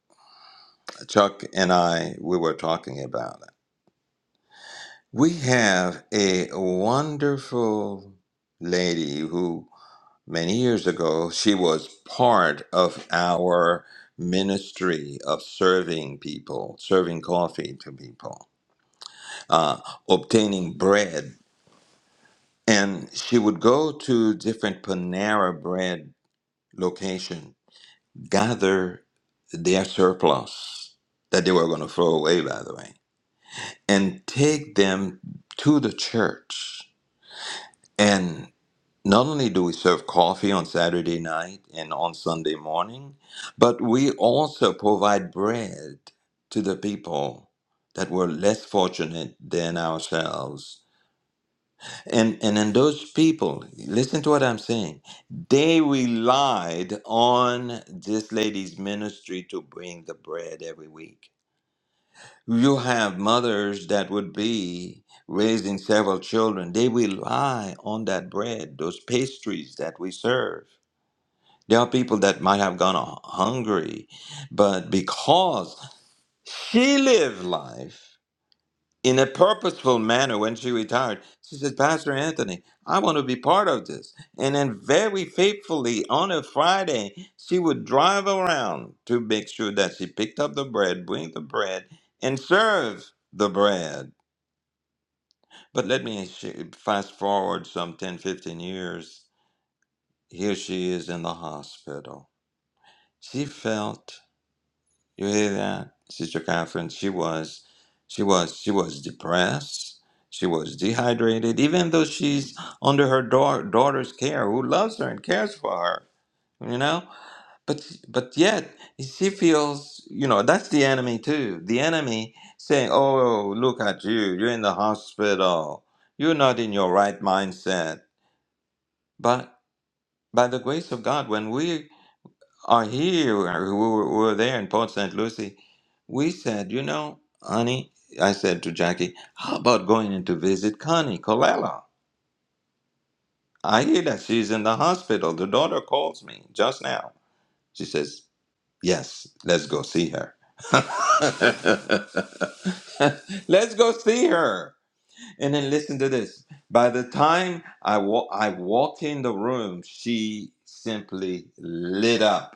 Speaker 1: Chuck and I, we were talking about it We have a wonderful lady who, many years ago, she was part of our ministry of serving people, serving coffee to people, uh, obtaining bread. And she would go to different Panera bread location, gather their surplus that they were going to throw away, by the way, and take them to the church. And Not only do we serve coffee on Saturday night and on Sunday morning, but we also provide bread to the people that were less fortunate than ourselves. And and in those people, listen to what I'm saying. They relied on this lady's ministry to bring the bread every week. You have mothers that would be raising several children. They rely on that bread, those pastries that we serve there are people that might have gone hu- hungry, but because she lived life in a purposeful manner when she retired, she said, Pastor Anthony, I want to be part of this. And then, very faithfully, on a Friday, she would drive around to make sure that she picked up the bread, bring the bread, and serve the bread. But let me sh- fast forward some 10, 15 years. Here she is in the hospital. She felt You hear that, Sister Catherine? She was, she was, she was depressed. She was dehydrated, even though she's under her daugh- daughter's care, who loves her and cares for her. You know, but but yet she feels, you know, that's the enemy too. The enemy saying, "Oh, look at you! You're in the hospital. You're not in your right mindset." But by the grace of God, when we are here, or we were, we were there in Port St. Lucie, we said, you know, honey, I said to Jackie, how about going in to visit Connie Colella? I hear that she's in the hospital. The daughter calls me just now. She says, yes, let's go see her. let's go see her. And then listen to this. By the time I, wa- I walked in the room, she simply lit up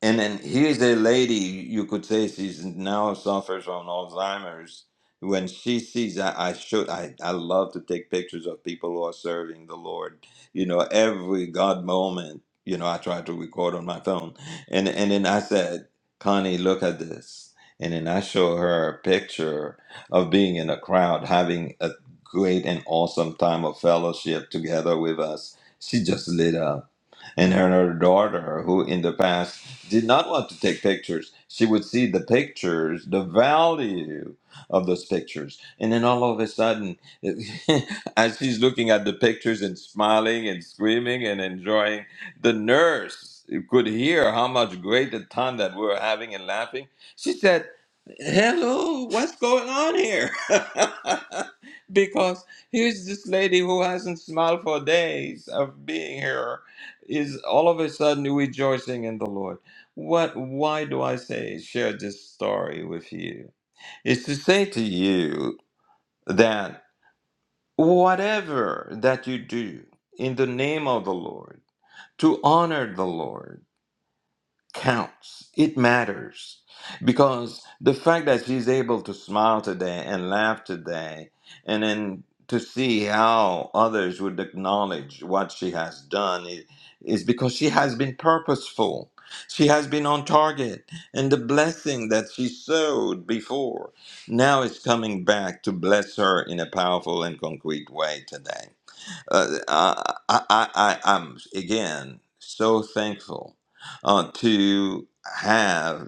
Speaker 1: And then here's a lady, you could say she's now suffers from Alzheimer's. When she sees that, I should, I, I love to take pictures of people who are serving the Lord. You know, every God moment, you know, I try to record on my phone. And, and then I said, Connie, look at this. And then I show her a picture of being in a crowd, having a great and awesome time of fellowship together with us. She just lit up and her daughter, who in the past did not want to take pictures. She would see the pictures, the value of those pictures. And then all of a sudden, as she's looking at the pictures and smiling and screaming and enjoying, the nurse could hear how much great a time that we were having and laughing. She said, Hello, what's going on here? because here's this lady who hasn't smiled for days of being here, is all of a sudden rejoicing in the Lord. What, why do I say share this story with you? Is to say to you that whatever that you do in the name of the Lord, to honor the Lord, counts. It matters. Because the fact that she's able to smile today and laugh today, and then to see how others would acknowledge what she has done i- is because she has been purposeful. She has been on target, and the blessing that she sowed before now is coming back to bless her in a powerful and concrete way today. Uh, I, I, I, I'm again so thankful uh, to have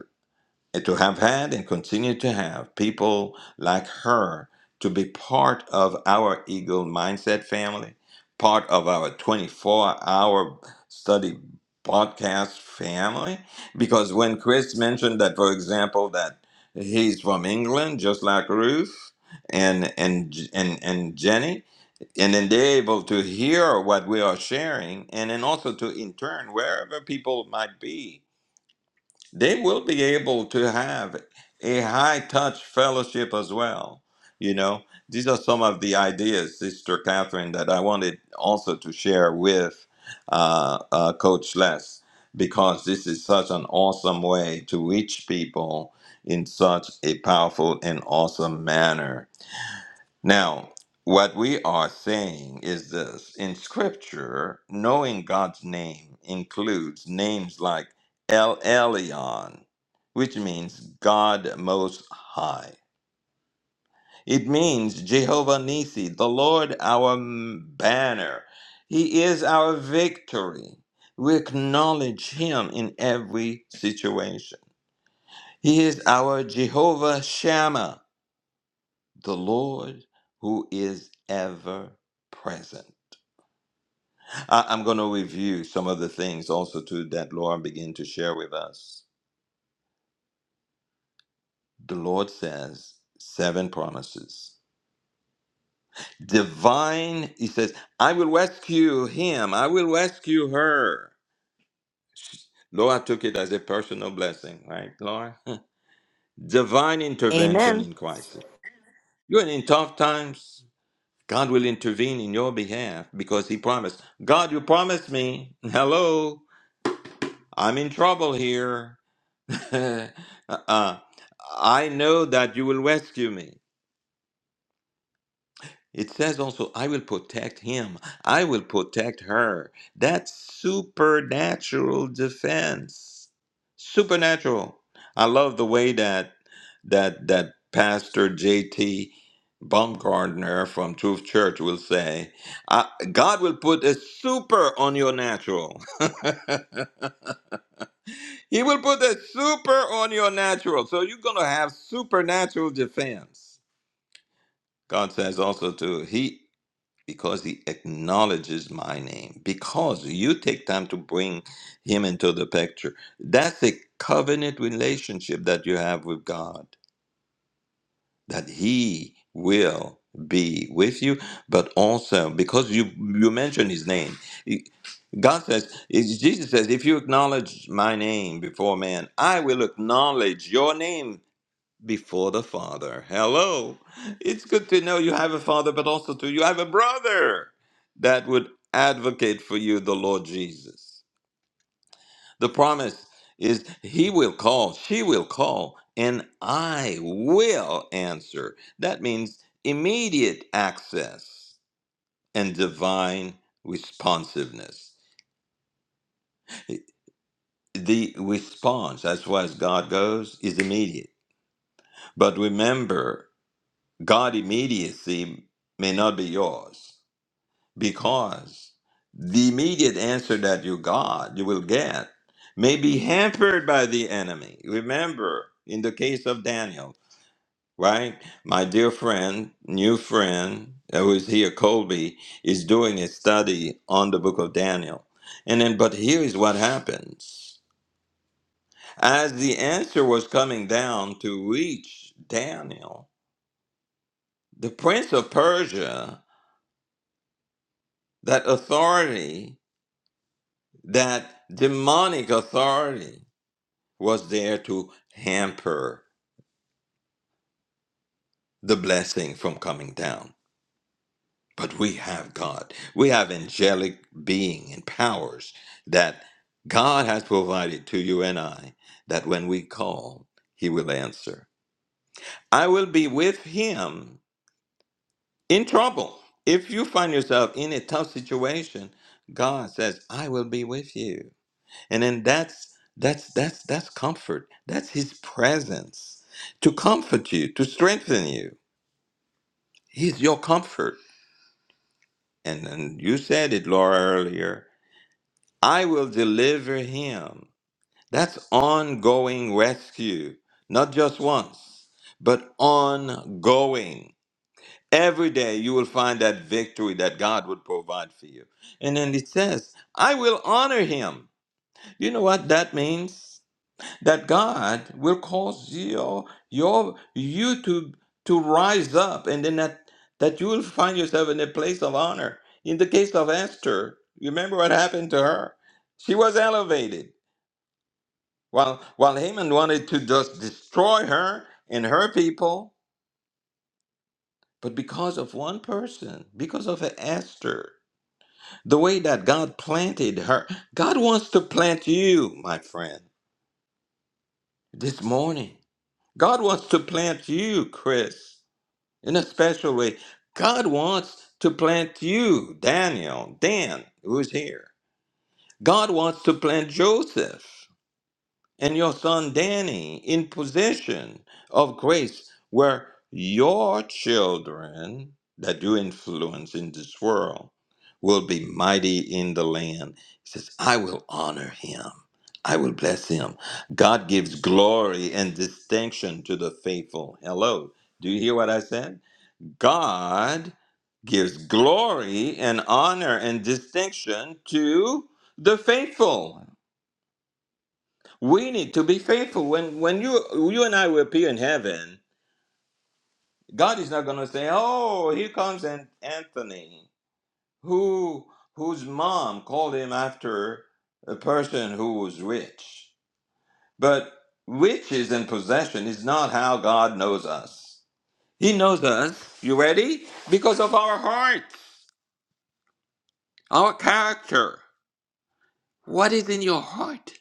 Speaker 1: and to have had and continue to have people like her to be part of our Eagle Mindset family, part of our 24 hour study podcast family. Because when Chris mentioned that, for example, that he's from England, just like Ruth and, and, and, and Jenny, and then they're able to hear what we are sharing, and then also to in turn, wherever people might be they will be able to have a high touch fellowship as well. You know, these are some of the ideas, Sister Catherine, that I wanted also to share with uh, uh, Coach Les, because this is such an awesome way to reach people in such a powerful and awesome manner. Now, what we are saying is this in scripture, knowing God's name includes names like El Elyon, which means God Most High. It means Jehovah Nisi, the Lord our m- banner. He is our victory. We acknowledge him in every situation. He is our Jehovah Shammah the Lord who is ever present. I, am going to review some of the things also too that Laura began to share with us. The Lord says seven promises. Divine, he says, I will rescue him, I will rescue her. Laura took it as a personal blessing, right, Laura? Divine intervention
Speaker 3: Amen.
Speaker 1: in crisis. You're in tough times. God will intervene in your behalf because He promised. God, you promised me. Hello. I'm in trouble here. uh, I know that you will rescue me. It says also, I will protect him. I will protect her. That's supernatural defense. Supernatural. I love the way that that that Pastor J.T. Baumgardner from Truth Church will say, uh, God will put a super on your natural. He will put a super on your natural. So you're going to have supernatural defense. God says also to he because he acknowledges my name because you take time to bring him into the picture. That's a covenant relationship that you have with God that he will be with you but also because you you mention his name He- god says is- jesus says if you acknowledge my name before man i will acknowledge your name before the father hello it's good to know you have a father but also to you have a brother that would advocate for you the lord jesus the promise is he will call, she will call, and I will answer. That means immediate access and divine responsiveness. The response, as far as God goes, is immediate. But remember, God immediacy may not be yours because the immediate answer that you got, you will get, may be hampered by the enemy. Remember, in the case of Daniel, right? My dear friend, new friend, who is here, Colby, is doing a study on the book of Daniel. And then, but here is what happens. As the answer was coming down to reach Daniel, the prince of Persia, that authority, that demonic authority, was there to hamper the blessing from coming down. But we have God. We have angelic being and powers that God has provided to you and I that when we call, he will answer. I will be with him in trouble. If you find yourself in a tough situation, God says, I will be with you. And then that's that's that's that's comfort. That's his presence to comfort you, to strengthen you. He's your comfort. And, and you said it, Laura, earlier. I will deliver him. That's ongoing rescue, not just once, but ongoing. Every day you will find that victory that God would provide for you. And then it says, I will honor him. You know what that means? that God will cause your your you to to rise up and then that that you will find yourself in a place of honor. In the case of Esther, you remember what happened to her? She was elevated. While while Haman wanted to just destroy her and her people, but because of one person, because of Esther, the way that God planted her, God wants to plant you, my friend, this morning. God wants to plant you, Chris. in a special way. God wants to plant you, Daniel, Dan, who's here. God wants to plant Joseph and your son Danny in possession of grace where your children that you influence in this world will be mighty in the land. He says, I will honor him. I will bless him. God gives glory and distinction to the faithful. Hello. Do you hear what I said? God gives glory and honor and distinction to the faithful. We need to be faithful. When when you you and I will appear in heaven, God is not gonna say, Oh, here comes An- Anthony, who whose mom called him after a person who was rich. But riches and possession is not how God knows us. He knows us, you ready? Because of our heart, our character. what is in your heart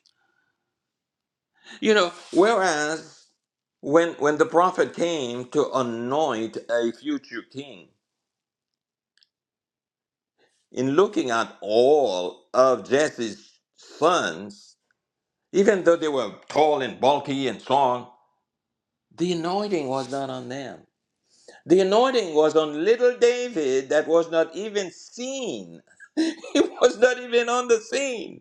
Speaker 1: you know whereas when when the prophet came to anoint a future king in looking at all of jesse's sons even though they were tall and bulky and strong the anointing was not on them the anointing was on little david that was not even seen he was not even on the scene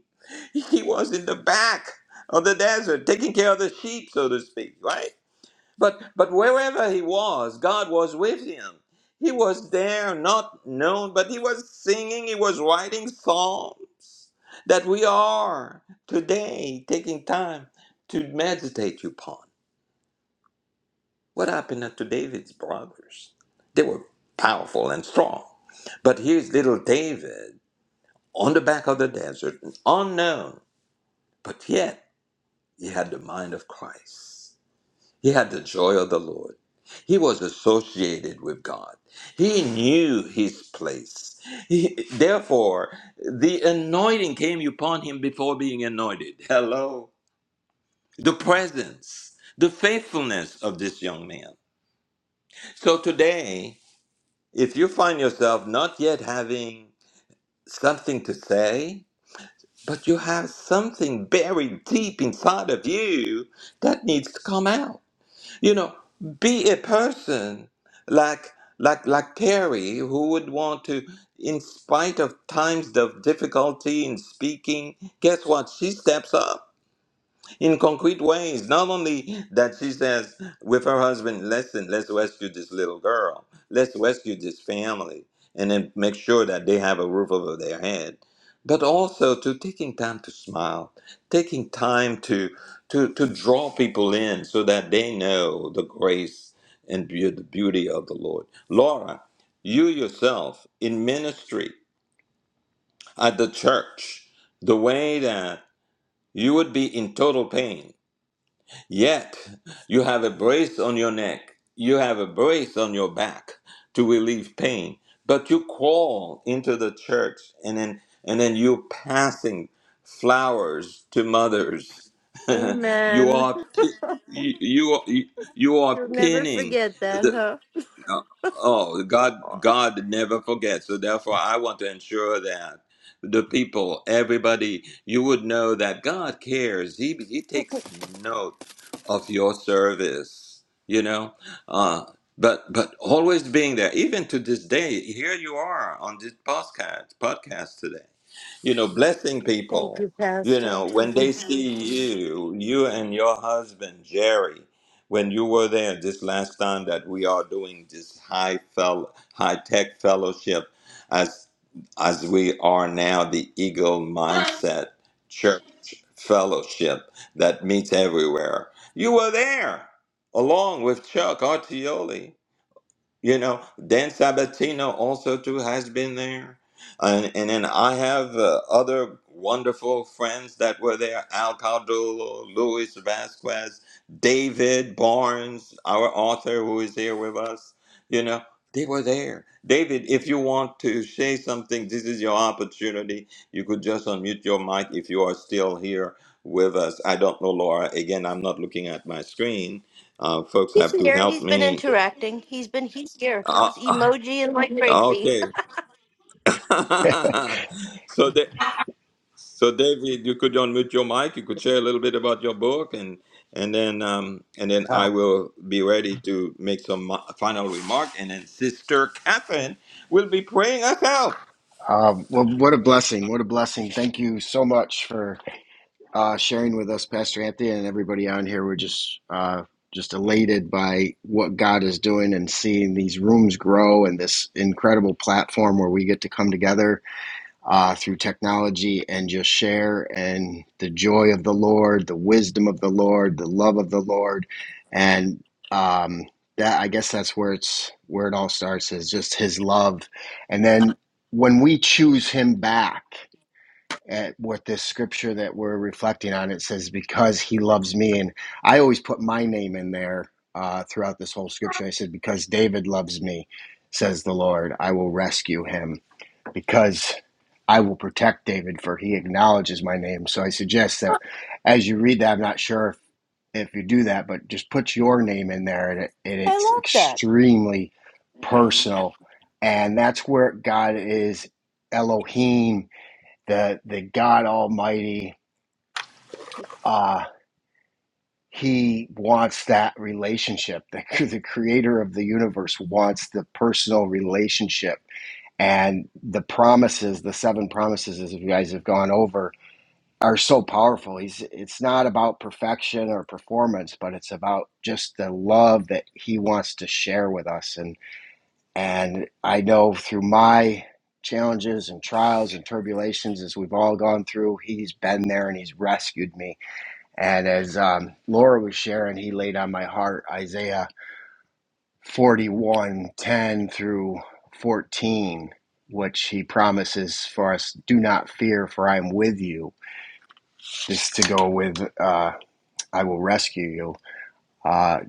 Speaker 1: he was in the back of the desert taking care of the sheep so to speak right But but wherever he was, God was with him. He was there, not known, but he was singing, he was writing psalms that we are today taking time to meditate upon. What happened to David's brothers? They were powerful and strong. But here's little David on the back of the desert, unknown, but yet he had the mind of Christ. He had the joy of the Lord. He was associated with God. He knew his place. He- therefore, the anointing came upon him before being anointed. Hello. The presence, the faithfulness of this young man. So today, if you find yourself not yet having something to say, but you have something buried deep inside of you that needs to come out you know, be a person like like like Terry, who would want to, in spite of times of difficulty in speaking, guess what? She steps up in concrete ways. Not only that she says with her husband, listen, let's rescue this little girl, let's rescue this family, and then make sure that they have a roof over their head, but also to taking time to smile, taking time to to to draw people in so that they know the grace and be- the beauty of the Lord. Laura, you yourself in ministry at the church, the way that you would be in total pain Yet you have a brace on your neck, you have a brace on your back to relieve pain. But you crawl into the church and then and then you're passing flowers to mothers. you
Speaker 3: Amen.
Speaker 1: are pi- you, you are you are
Speaker 3: You'll never
Speaker 1: pinning
Speaker 3: forget that,
Speaker 1: the, no. Oh, God,
Speaker 3: huh?
Speaker 1: God never forgets. So therefore, I want to ensure that the people, everybody, you would know that God cares. He He takes note of your service. You know, uh, but but always being there, even to this day. Here you are on this podcast podcast today. You know, blessing
Speaker 3: Thank
Speaker 1: people.
Speaker 3: you,
Speaker 1: You
Speaker 3: Pastor.
Speaker 1: know, when they see you, you and your husband Jerry when you were there this last time that we are doing this high fel- high tech fellowship as as we are now the Eagle Mindset Church Fellowship that meets everywhere. You were there along with Chuck Artioli. You know, Dan Sabatino also too has been there, and and then I have uh, other wonderful friends that were there: Al Cardullo, Luis Vasquez, David Barnes, our author who is here with us. You know, they were there. David, if you want to say something, this is your opportunity. You could just unmute your mic if you are still here with us. I don't know, Laura. Again, I'm not looking at my screen. Uh, folks
Speaker 3: He's
Speaker 1: have to
Speaker 3: here.
Speaker 1: help
Speaker 3: He's been
Speaker 1: me.
Speaker 3: interacting. He's been he's here.
Speaker 1: Uh,
Speaker 3: He's emoji and like crazy.
Speaker 1: Okay. so, Da- so David, you could unmute your mic. You could share a little bit about your book, and and then um, and then I will be ready to make some mo- final remark, and then Sister Catherine will be praying us out.
Speaker 7: Um, well, what a blessing. What a blessing. Thank you so much for uh, sharing with us, Pastor Anthony, and everybody on here. We're just uh, just elated by what God is doing and seeing these rooms grow and this incredible platform where we get to come together uh, through technology and just share and the joy of the Lord, the wisdom of the Lord, the love of the Lord, and um, that I guess that's where it's where it all starts is just His love, and then when we choose Him back at what this scripture that we're reflecting on it says because He loves me, and I always put my name in there uh, throughout this whole scripture. I said because David loves me, says the Lord, I will rescue him because I will protect David, for he acknowledges my name. So I suggest that as you read that, I'm not sure if, if you do that, but just put your name in there, and, it, and
Speaker 3: I
Speaker 7: it's
Speaker 3: love that.
Speaker 7: extremely personal. And that's where God is Elohim, the, the God Almighty. Uh, he wants that relationship. The, the creator of the universe wants the personal relationship and the promises the seven promises as you guys have gone over are so powerful he's it's not about perfection or performance but it's about just the love that he wants to share with us and and i know through my challenges and trials and tribulations as we've all gone through he's been there and he's rescued me and as um, laura was sharing he laid on my heart isaiah 41, 10 through 14 which he promises for us do not fear for i am with you this to go with uh, i will rescue you uh,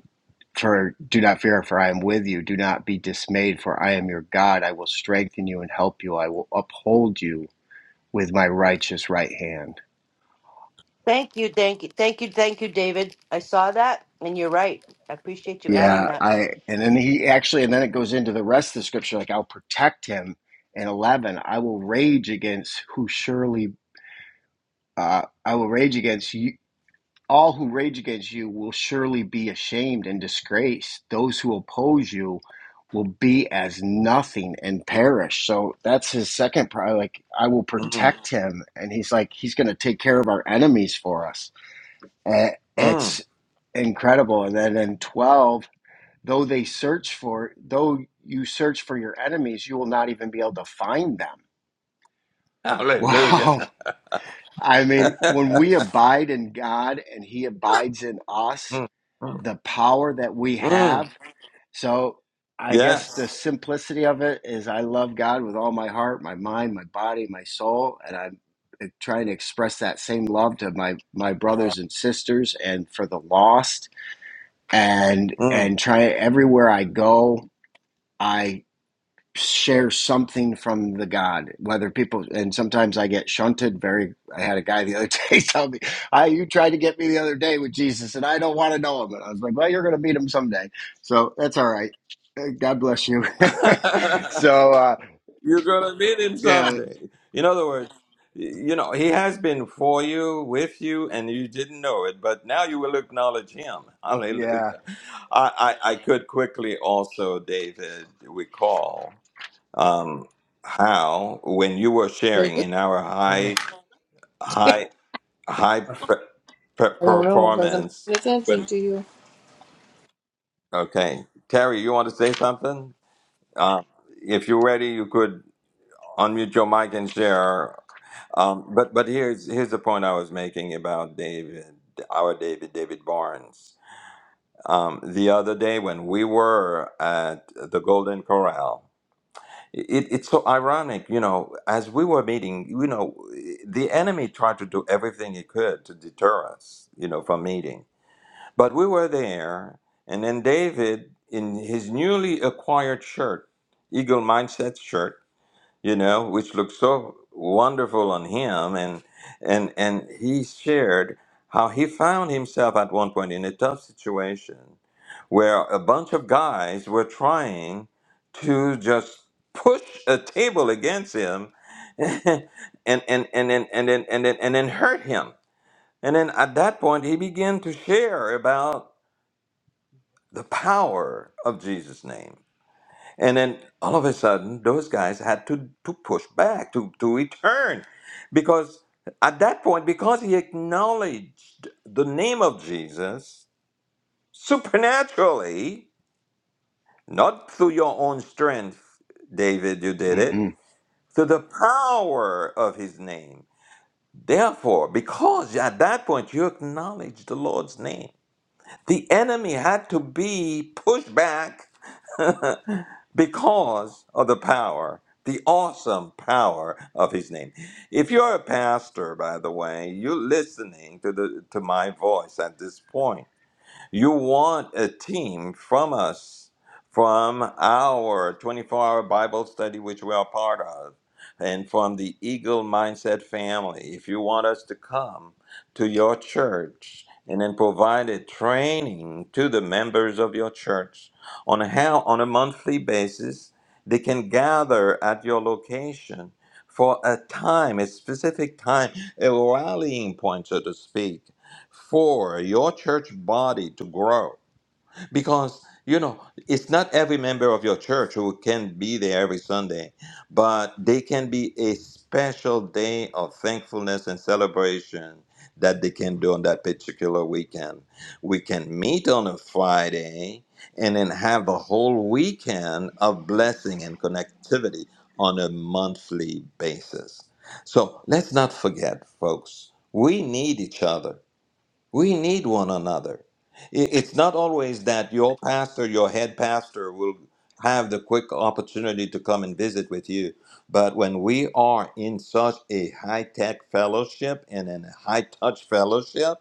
Speaker 7: for do not fear for i am with you do not be dismayed for i am your god i will strengthen you and help you i will uphold you with my righteous right hand
Speaker 3: Thank you, thank you, thank you, thank you, David. I saw that, and you're right. I appreciate you adding
Speaker 7: yeah
Speaker 3: that.
Speaker 7: i and then he actually and then it goes into the rest of the scripture like i'll protect him in 11 i will rage against who surely Uh, I will rage against you. All who rage against you will surely be ashamed and disgraced. Those who oppose you will be as nothing and perish. So that's his second part. Like, I will
Speaker 1: Mm,
Speaker 7: protect him. And he's like, he's going to take care of our enemies for us. Eh,
Speaker 1: mm.
Speaker 7: It's incredible. And then in 12, though they search for, though you search for your enemies, you will not even be able to find them.
Speaker 1: Hallelujah.
Speaker 7: Wow. I mean, when we abide in God and He abides in us,
Speaker 1: Mm, mm,
Speaker 7: the power that we
Speaker 1: mm.
Speaker 7: have. So, I guess the
Speaker 1: Yes.
Speaker 7: simplicity of it is I love God with all my heart, my mind, my body, my soul, and I'm eh, trying to express that same love to my my brothers and sisters and for the lost and
Speaker 1: Mm.
Speaker 7: and try everywhere I go, I share something from the God, whether people and sometimes I get shunted very I had a guy the other day tell me, I you tried to get me the other day with Jesus and I don't want to know him. And I was like, Well, you're gonna meet him someday. So that's all right. Uh, God bless you. so uh
Speaker 1: You're going to meet him
Speaker 7: yeah,
Speaker 1: someday. In other words, y- you know, he has been for you, with you, and you didn't know it, but now you will acknowledge him. Hallelujah.
Speaker 7: yeah.
Speaker 1: I, I, I could quickly also, David, recall um, how when you were sharing
Speaker 4: Really?
Speaker 1: in our high, high, high
Speaker 4: I
Speaker 1: pre- pre-
Speaker 4: don't know because I'm
Speaker 1: performance,
Speaker 4: paying attention
Speaker 1: when,
Speaker 4: to you.
Speaker 1: okay, Terry, you want to say something? Um, if you're ready, you could Unmute your mic and share. Um, but but here's here's the point I was making about David, our David, David Barnes. Um, the other day when we were at the Golden Corral, it, it's so ironic, you know. As we were meeting, you know, the enemy tried to do everything he could to deter us, you know, from meeting. But we were there, and then David, in his newly acquired shirt, Eagle Mindset shirt you know, which looked so wonderful on him. And and and he shared how he found himself at one point in a tough situation where a bunch of guys were trying to just push a table against him and and and and then and then and then and then hurt him. And then at that point he began to share about the power of Jesus' name and then all of a sudden, those guys had to, to push back, to, to return. Because at that point, because he acknowledged the name of Jesus supernaturally, not through your own strength, David, you did it,
Speaker 7: Mm-mm.
Speaker 1: through the power of his name. Therefore, because at that point you acknowledge the Lord's name, the enemy had to be pushed back because of the power, the awesome power of his name. If you're a pastor, by the way, you're listening to the to my voice at this point you want a team from us, from our 24 hour Bible study, which we are part of, and from the Eagle Mindset family. If you want us to come to your church and then provide a training to the members of your church on how, on a monthly basis, they can gather at your location for a time, a specific time, a rallying point, so to speak for your church body to grow because you know it's not every member of your church who can be there every sunday but they can be a special day of thankfulness and celebration that they can do on that particular weekend we can meet on a friday and then have a whole weekend of blessing and connectivity on a monthly basis so let's not forget folks we need each other we need one another. I- It's not always that your pastor, your head pastor, will have the quick opportunity to come and visit with you. But when we are in such a high tech fellowship and in a high touch fellowship,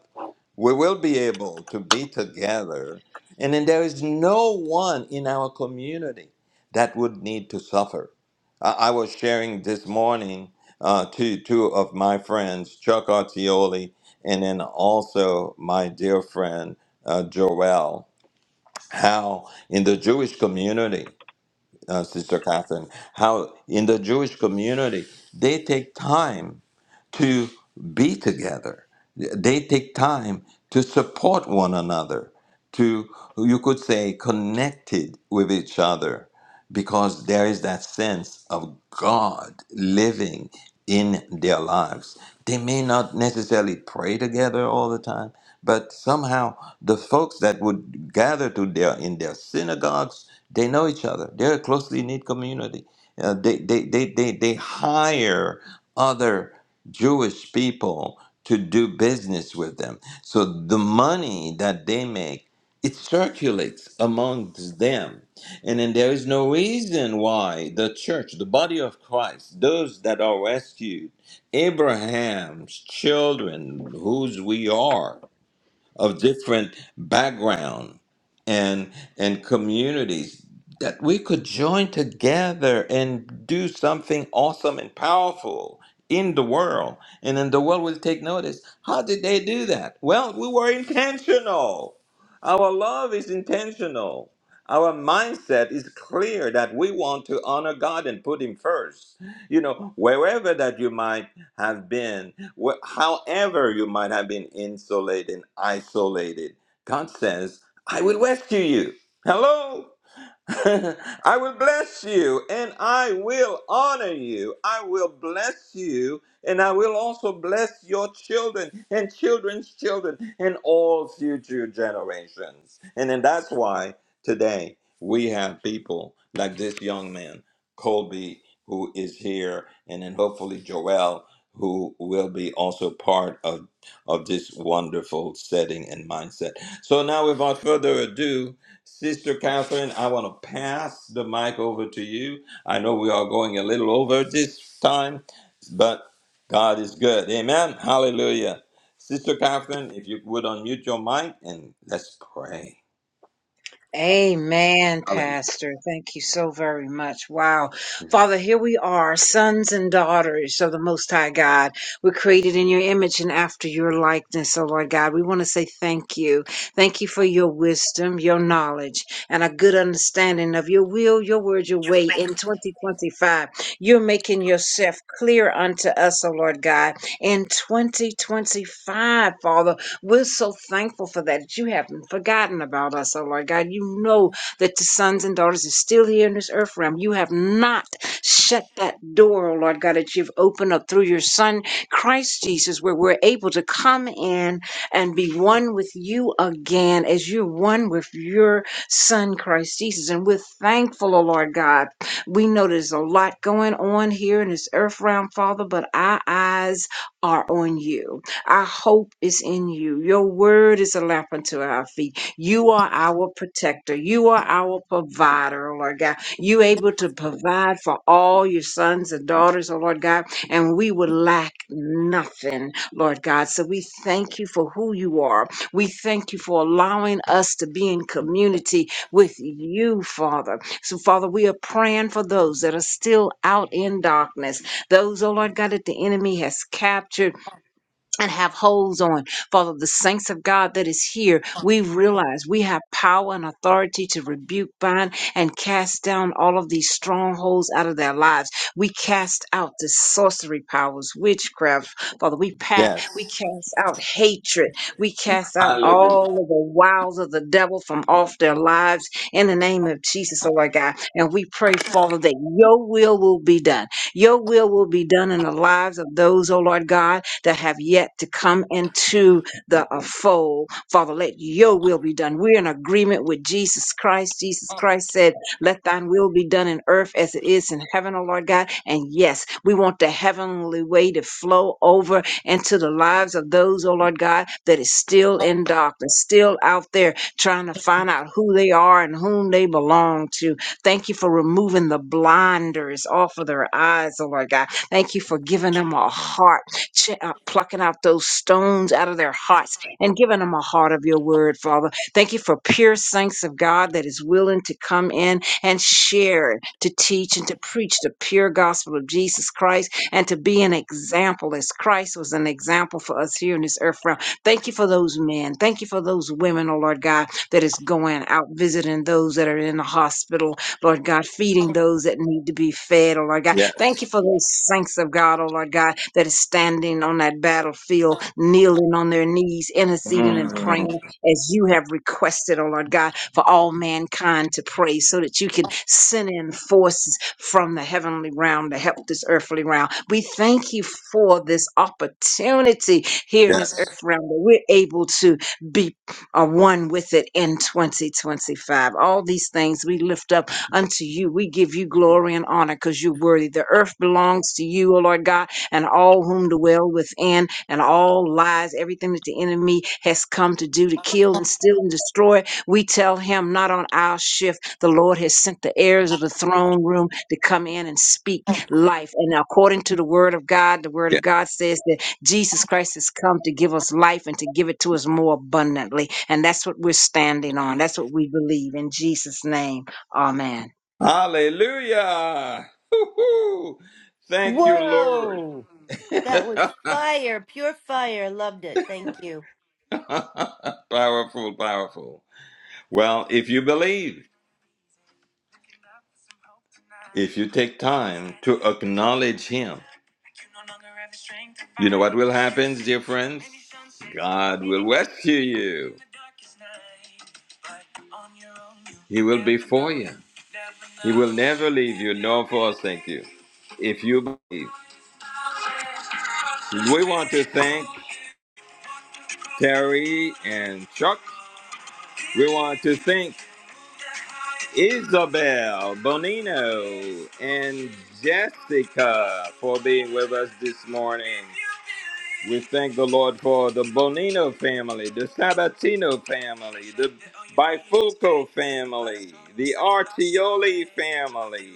Speaker 1: we will be able to be together. And then there is no one in our community that would need to suffer. I, I was sharing this morning uh, to two of my friends, Chuck Artioli and then also my dear friend uh, Joel, how in the Jewish community uh, Sister Catherine, how in the Jewish community they take time to be together. They take time to support one another, to, you could say, connected with each other, because there is that sense of God living in their lives. They may not necessarily pray together all the time, but somehow the folks that would gather to their in their synagogues they know each other. They're a closely knit community. Uh, they, they, they, they, they hire other Jewish people to do business with them. So the money that they make, it circulates amongst them. And then there is no reason why the church, the body of Christ, those that are rescued, Abraham's children, whose we are of different background and and communities that we could join together and do something awesome and powerful in the world and then the world will take notice how did they do that well we were intentional our love is intentional our mindset is clear that we want to honor god and put him first you know wherever that you might have been Wh- However, you might have been insulated, isolated, God says, I will rescue you. Hello? I will bless you and I will honor you. I will bless you and I will also bless your children and children's children and all future generations. And then that's why today we have people like this young man, Colby, who is here, and then hopefully Joel, who will be also part of, of this wonderful setting and mindset. So now, without further ado, Sister Catherine, I want to pass the mic over to you. I know we are going a little over this time, but God is good. Amen. Hallelujah. Sister Catherine, if you would unmute your mic and let's pray.
Speaker 5: Amen,
Speaker 1: Hallelujah.
Speaker 5: Pastor. Thank you so very much. Wow. Father, here we are, sons and daughters of the Most High God. We're created in your image and after your likeness, oh Lord God. We want to say thank you. Thank you for your wisdom, your knowledge, and a good understanding of your will, your word, your way in 2025. You're making yourself clear unto us, oh Lord God, in 2025, Father. We're so thankful for that, that you haven't forgotten about us, oh Lord God. You know that the sons and daughters are still here in this earth realm. You have not shut that door, oh Lord God, that you've opened up through your Son, Christ Jesus, where we're able to come in and be one with you again as you're one with your Son, Christ Jesus. And we're thankful, oh Lord God. We know there's a lot going on here in this earth realm, Father, but our eyes are on you. Our hope is in you. Your word is a lamp unto our feet. You are our protector. You are our provider, oh Lord God. You able to provide for all your sons and daughters, oh Lord God, and we would lack nothing, Lord God. So we thank you for who you are. We thank you for allowing us to be in community with you, Father. So, Father, we are praying for those that are still out in darkness, those, oh Lord God, that the enemy has captured and have holds on. Father, the saints of God that is here, we realize we have power and authority to rebuke, bind, and cast down all of these strongholds out of their lives. We cast out the sorcery powers, witchcraft. Father, we pat, we
Speaker 1: Yes.
Speaker 5: cast out hatred. We cast out
Speaker 1: Hallelujah.
Speaker 5: all of the wiles of the devil from off their lives in the name of Jesus, oh my God. And we pray, Father, that your will will be done. Your will will be done in the lives of those, oh Lord God that have yet to come into the uh, fold. Father, let your will be done. We're in agreement with Jesus Christ. Jesus Christ said, Let thine will be done in earth as it is in heaven, O Lord God. And yes, we want the heavenly way to flow over into the lives of those, O Lord God, that is still in darkness, still out there trying to find out who they are and whom they belong to. Thank you for removing the blinders off of their eyes, O Lord God. Thank you for giving them a heart ch- uh, plucking out those stones out of their hearts and giving them a heart of your word, Father. Thank you for pure saints of God that is willing to come in and share, to teach, and to preach the pure gospel of Jesus Christ and to be an example as Christ was an example for us here in this earth realm. Thank you for those men. Thank you for those women, oh Lord God, that is going out visiting those that are in the hospital, Lord God, feeding those that need to be fed, oh Lord God Thank
Speaker 1: Yes.
Speaker 5: you for those saints of God, oh Lord God, that is standing on that battlefield, kneeling on their knees, interceding and
Speaker 1: Mm,
Speaker 5: praying as you have requested, oh Lord God, for all mankind to pray so that you can send in forces from the heavenly realm to help this earthly realm. We thank you for this opportunity here in this
Speaker 1: yes.
Speaker 5: earth realm that we're able to be uh, one with it in 2025. All these things we lift up unto you. We give you glory and honor because you're worthy. The earth belongs to you, O Lord God, and all whom dwell within, and all lies, everything that the enemy has come to do to kill and steal and destroy. We tell him, not on our shift. The Lord has sent the heirs of the throne room to come in and speak life. And according to the word of God, the word of
Speaker 1: Yes.
Speaker 5: God says that Jesus Christ has come to give us life and to give it to us more abundantly. And that's what we're standing on. That's what we believe in Jesus' name. Amen.
Speaker 1: Hallelujah. Woo-hoo. Thank you, Lord.
Speaker 3: Whoa, that was fire, pure fire. Loved it. Thank you,
Speaker 1: powerful, powerful. Well, if you believe, If you take time to acknowledge Him, you know what will happen, dear friends? God will rescue you. He will be for you. He will never leave you nor forsake you. If you believe, we want to thank Terry and Chuck. We want to thank Isabel Bonino and Jessica for being with us this morning. We thank the Lord for the Bonino family, the Sabatino family, the Bifulco family, the Artioli family.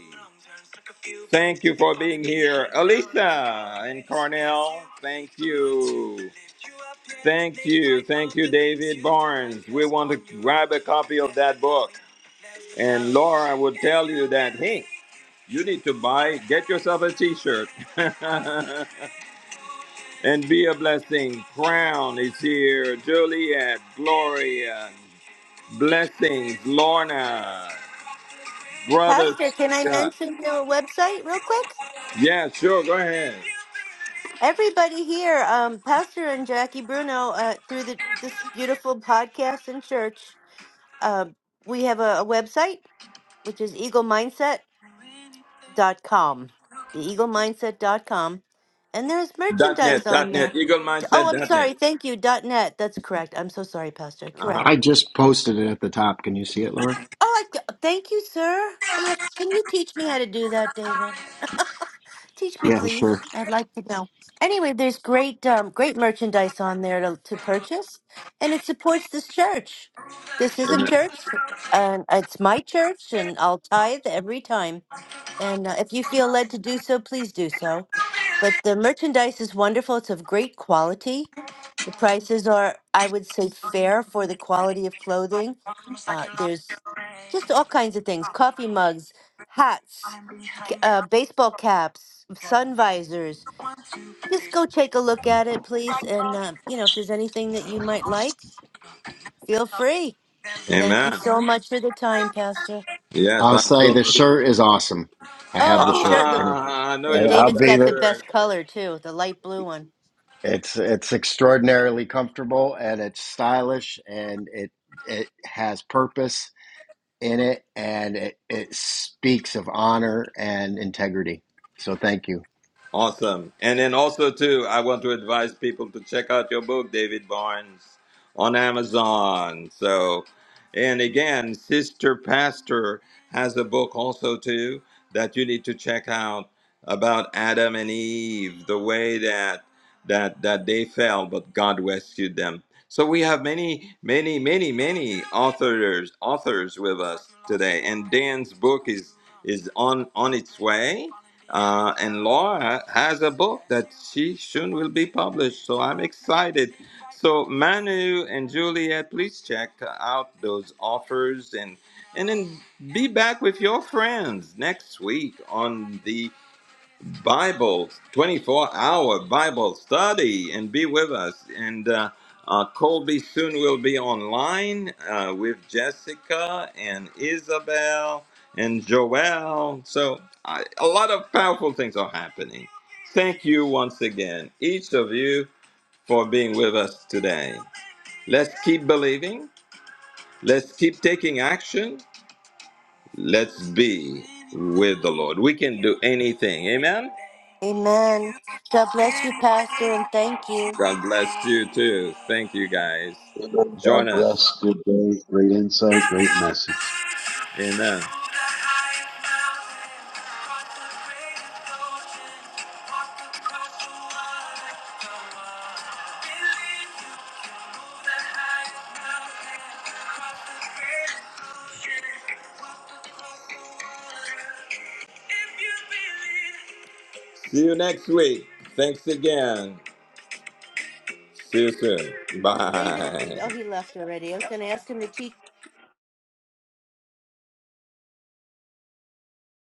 Speaker 1: Thank you for being here. Elisa and Cornell, thank you. Thank you. Thank you, David Barnes. We want to grab a copy of that book. And Laura would tell you that, hey, you need to buy, get yourself a t shirt. and be a blessing. Crown is here. Juliet, Gloria, blessings. Lorna, brother
Speaker 3: Pastor. Can I
Speaker 1: Scott.
Speaker 3: mention your website real quick?
Speaker 1: Yeah, sure. Go ahead.
Speaker 3: Everybody here, um, Pastor and Jackie Bruno, uh, through the, this beautiful podcast and church, um, we have a, a website which is eagle mindset dot com, The eagle mindset dot com, And there's
Speaker 1: Dot net.
Speaker 3: merchandise
Speaker 1: Dot
Speaker 3: on there.
Speaker 1: net. Eagle
Speaker 3: Oh,
Speaker 1: mindset.
Speaker 3: I'm
Speaker 1: Dot net.
Speaker 3: sorry. Thank you. dot .net. That's correct. I'm so sorry, Pastor.
Speaker 1: Uh huh.
Speaker 3: Correct.
Speaker 7: I just posted it at the top. Can you see it, Laura?
Speaker 3: Oh, I, c- thank you, sir. I have, can you teach me how to do that, David? Teach me,
Speaker 7: Yeah, the
Speaker 3: please.
Speaker 7: shirt.
Speaker 3: I'd like to know. Anyway, there's great, um, great merchandise on there to, to purchase, and it supports this church. This is a
Speaker 1: Amen.
Speaker 3: church, and it's my church, and I'll tithe every time. And uh, if you feel led to do so, please do so. But the merchandise is wonderful. It's of great quality. The prices are, I would say, fair for the quality of clothing. Uh, there's just all kinds of things coffee mugs, hats, c- uh, baseball caps, sun visors. Just go take a look at it, please. And, uh, you know, if there's anything that you might like, feel free. Thank you
Speaker 1: Amen.
Speaker 3: so much for the time, Pastor.
Speaker 1: Yes,
Speaker 7: I'll
Speaker 1: I'm
Speaker 7: say
Speaker 1: so.
Speaker 7: the shirt is awesome. I
Speaker 3: Oh,
Speaker 7: have the
Speaker 3: the
Speaker 7: shirt
Speaker 3: shirt look.
Speaker 7: and
Speaker 1: Ah, I know
Speaker 3: Yeah,
Speaker 1: you
Speaker 7: and I'll
Speaker 1: love
Speaker 3: David's
Speaker 1: that
Speaker 7: be
Speaker 3: got the
Speaker 7: the
Speaker 1: shirt.
Speaker 3: best color, too, the light blue one.
Speaker 7: It's it's extraordinarily comfortable and it's stylish and it it has purpose in it and it, it speaks of honor and integrity. So thank you.
Speaker 1: Awesome. And then also too, I want to advise people to check out your book, David Barnes, on Amazon. So and again, Sister Pastor has a book also too that you need to check out about Adam and Eve, the way that that that they fell, but God rescued them. So we have many, many, many, many authors authors with us today. And Dan's book is is on on its way uh, and Laura has a book that she soon will be published, so I'm excited. So Manu and Juliet, please check out those offers and and then be back with your friends next week on the Bible, 24 hour Bible study, and be with us. And uh, uh, Colby soon will be online uh, with Jessica and Isabel and Joel. So, I, a lot of powerful things are happening. Thank you once again, each of you, for being with us today. Let's keep believing, let's keep taking action, let's be with the Lord. We can do anything. Amen.
Speaker 3: Amen. God bless you, Pastor, and thank you.
Speaker 1: God bless you too. Thank you guys.
Speaker 2: Amen. God
Speaker 1: Join us.
Speaker 2: bless. Good day. Great insight. Great message.
Speaker 1: Amen. See you next week. Thanks again. See you soon.
Speaker 3: David, if,
Speaker 1: Bye.
Speaker 3: oh, he left already. I was going to ask him to teach.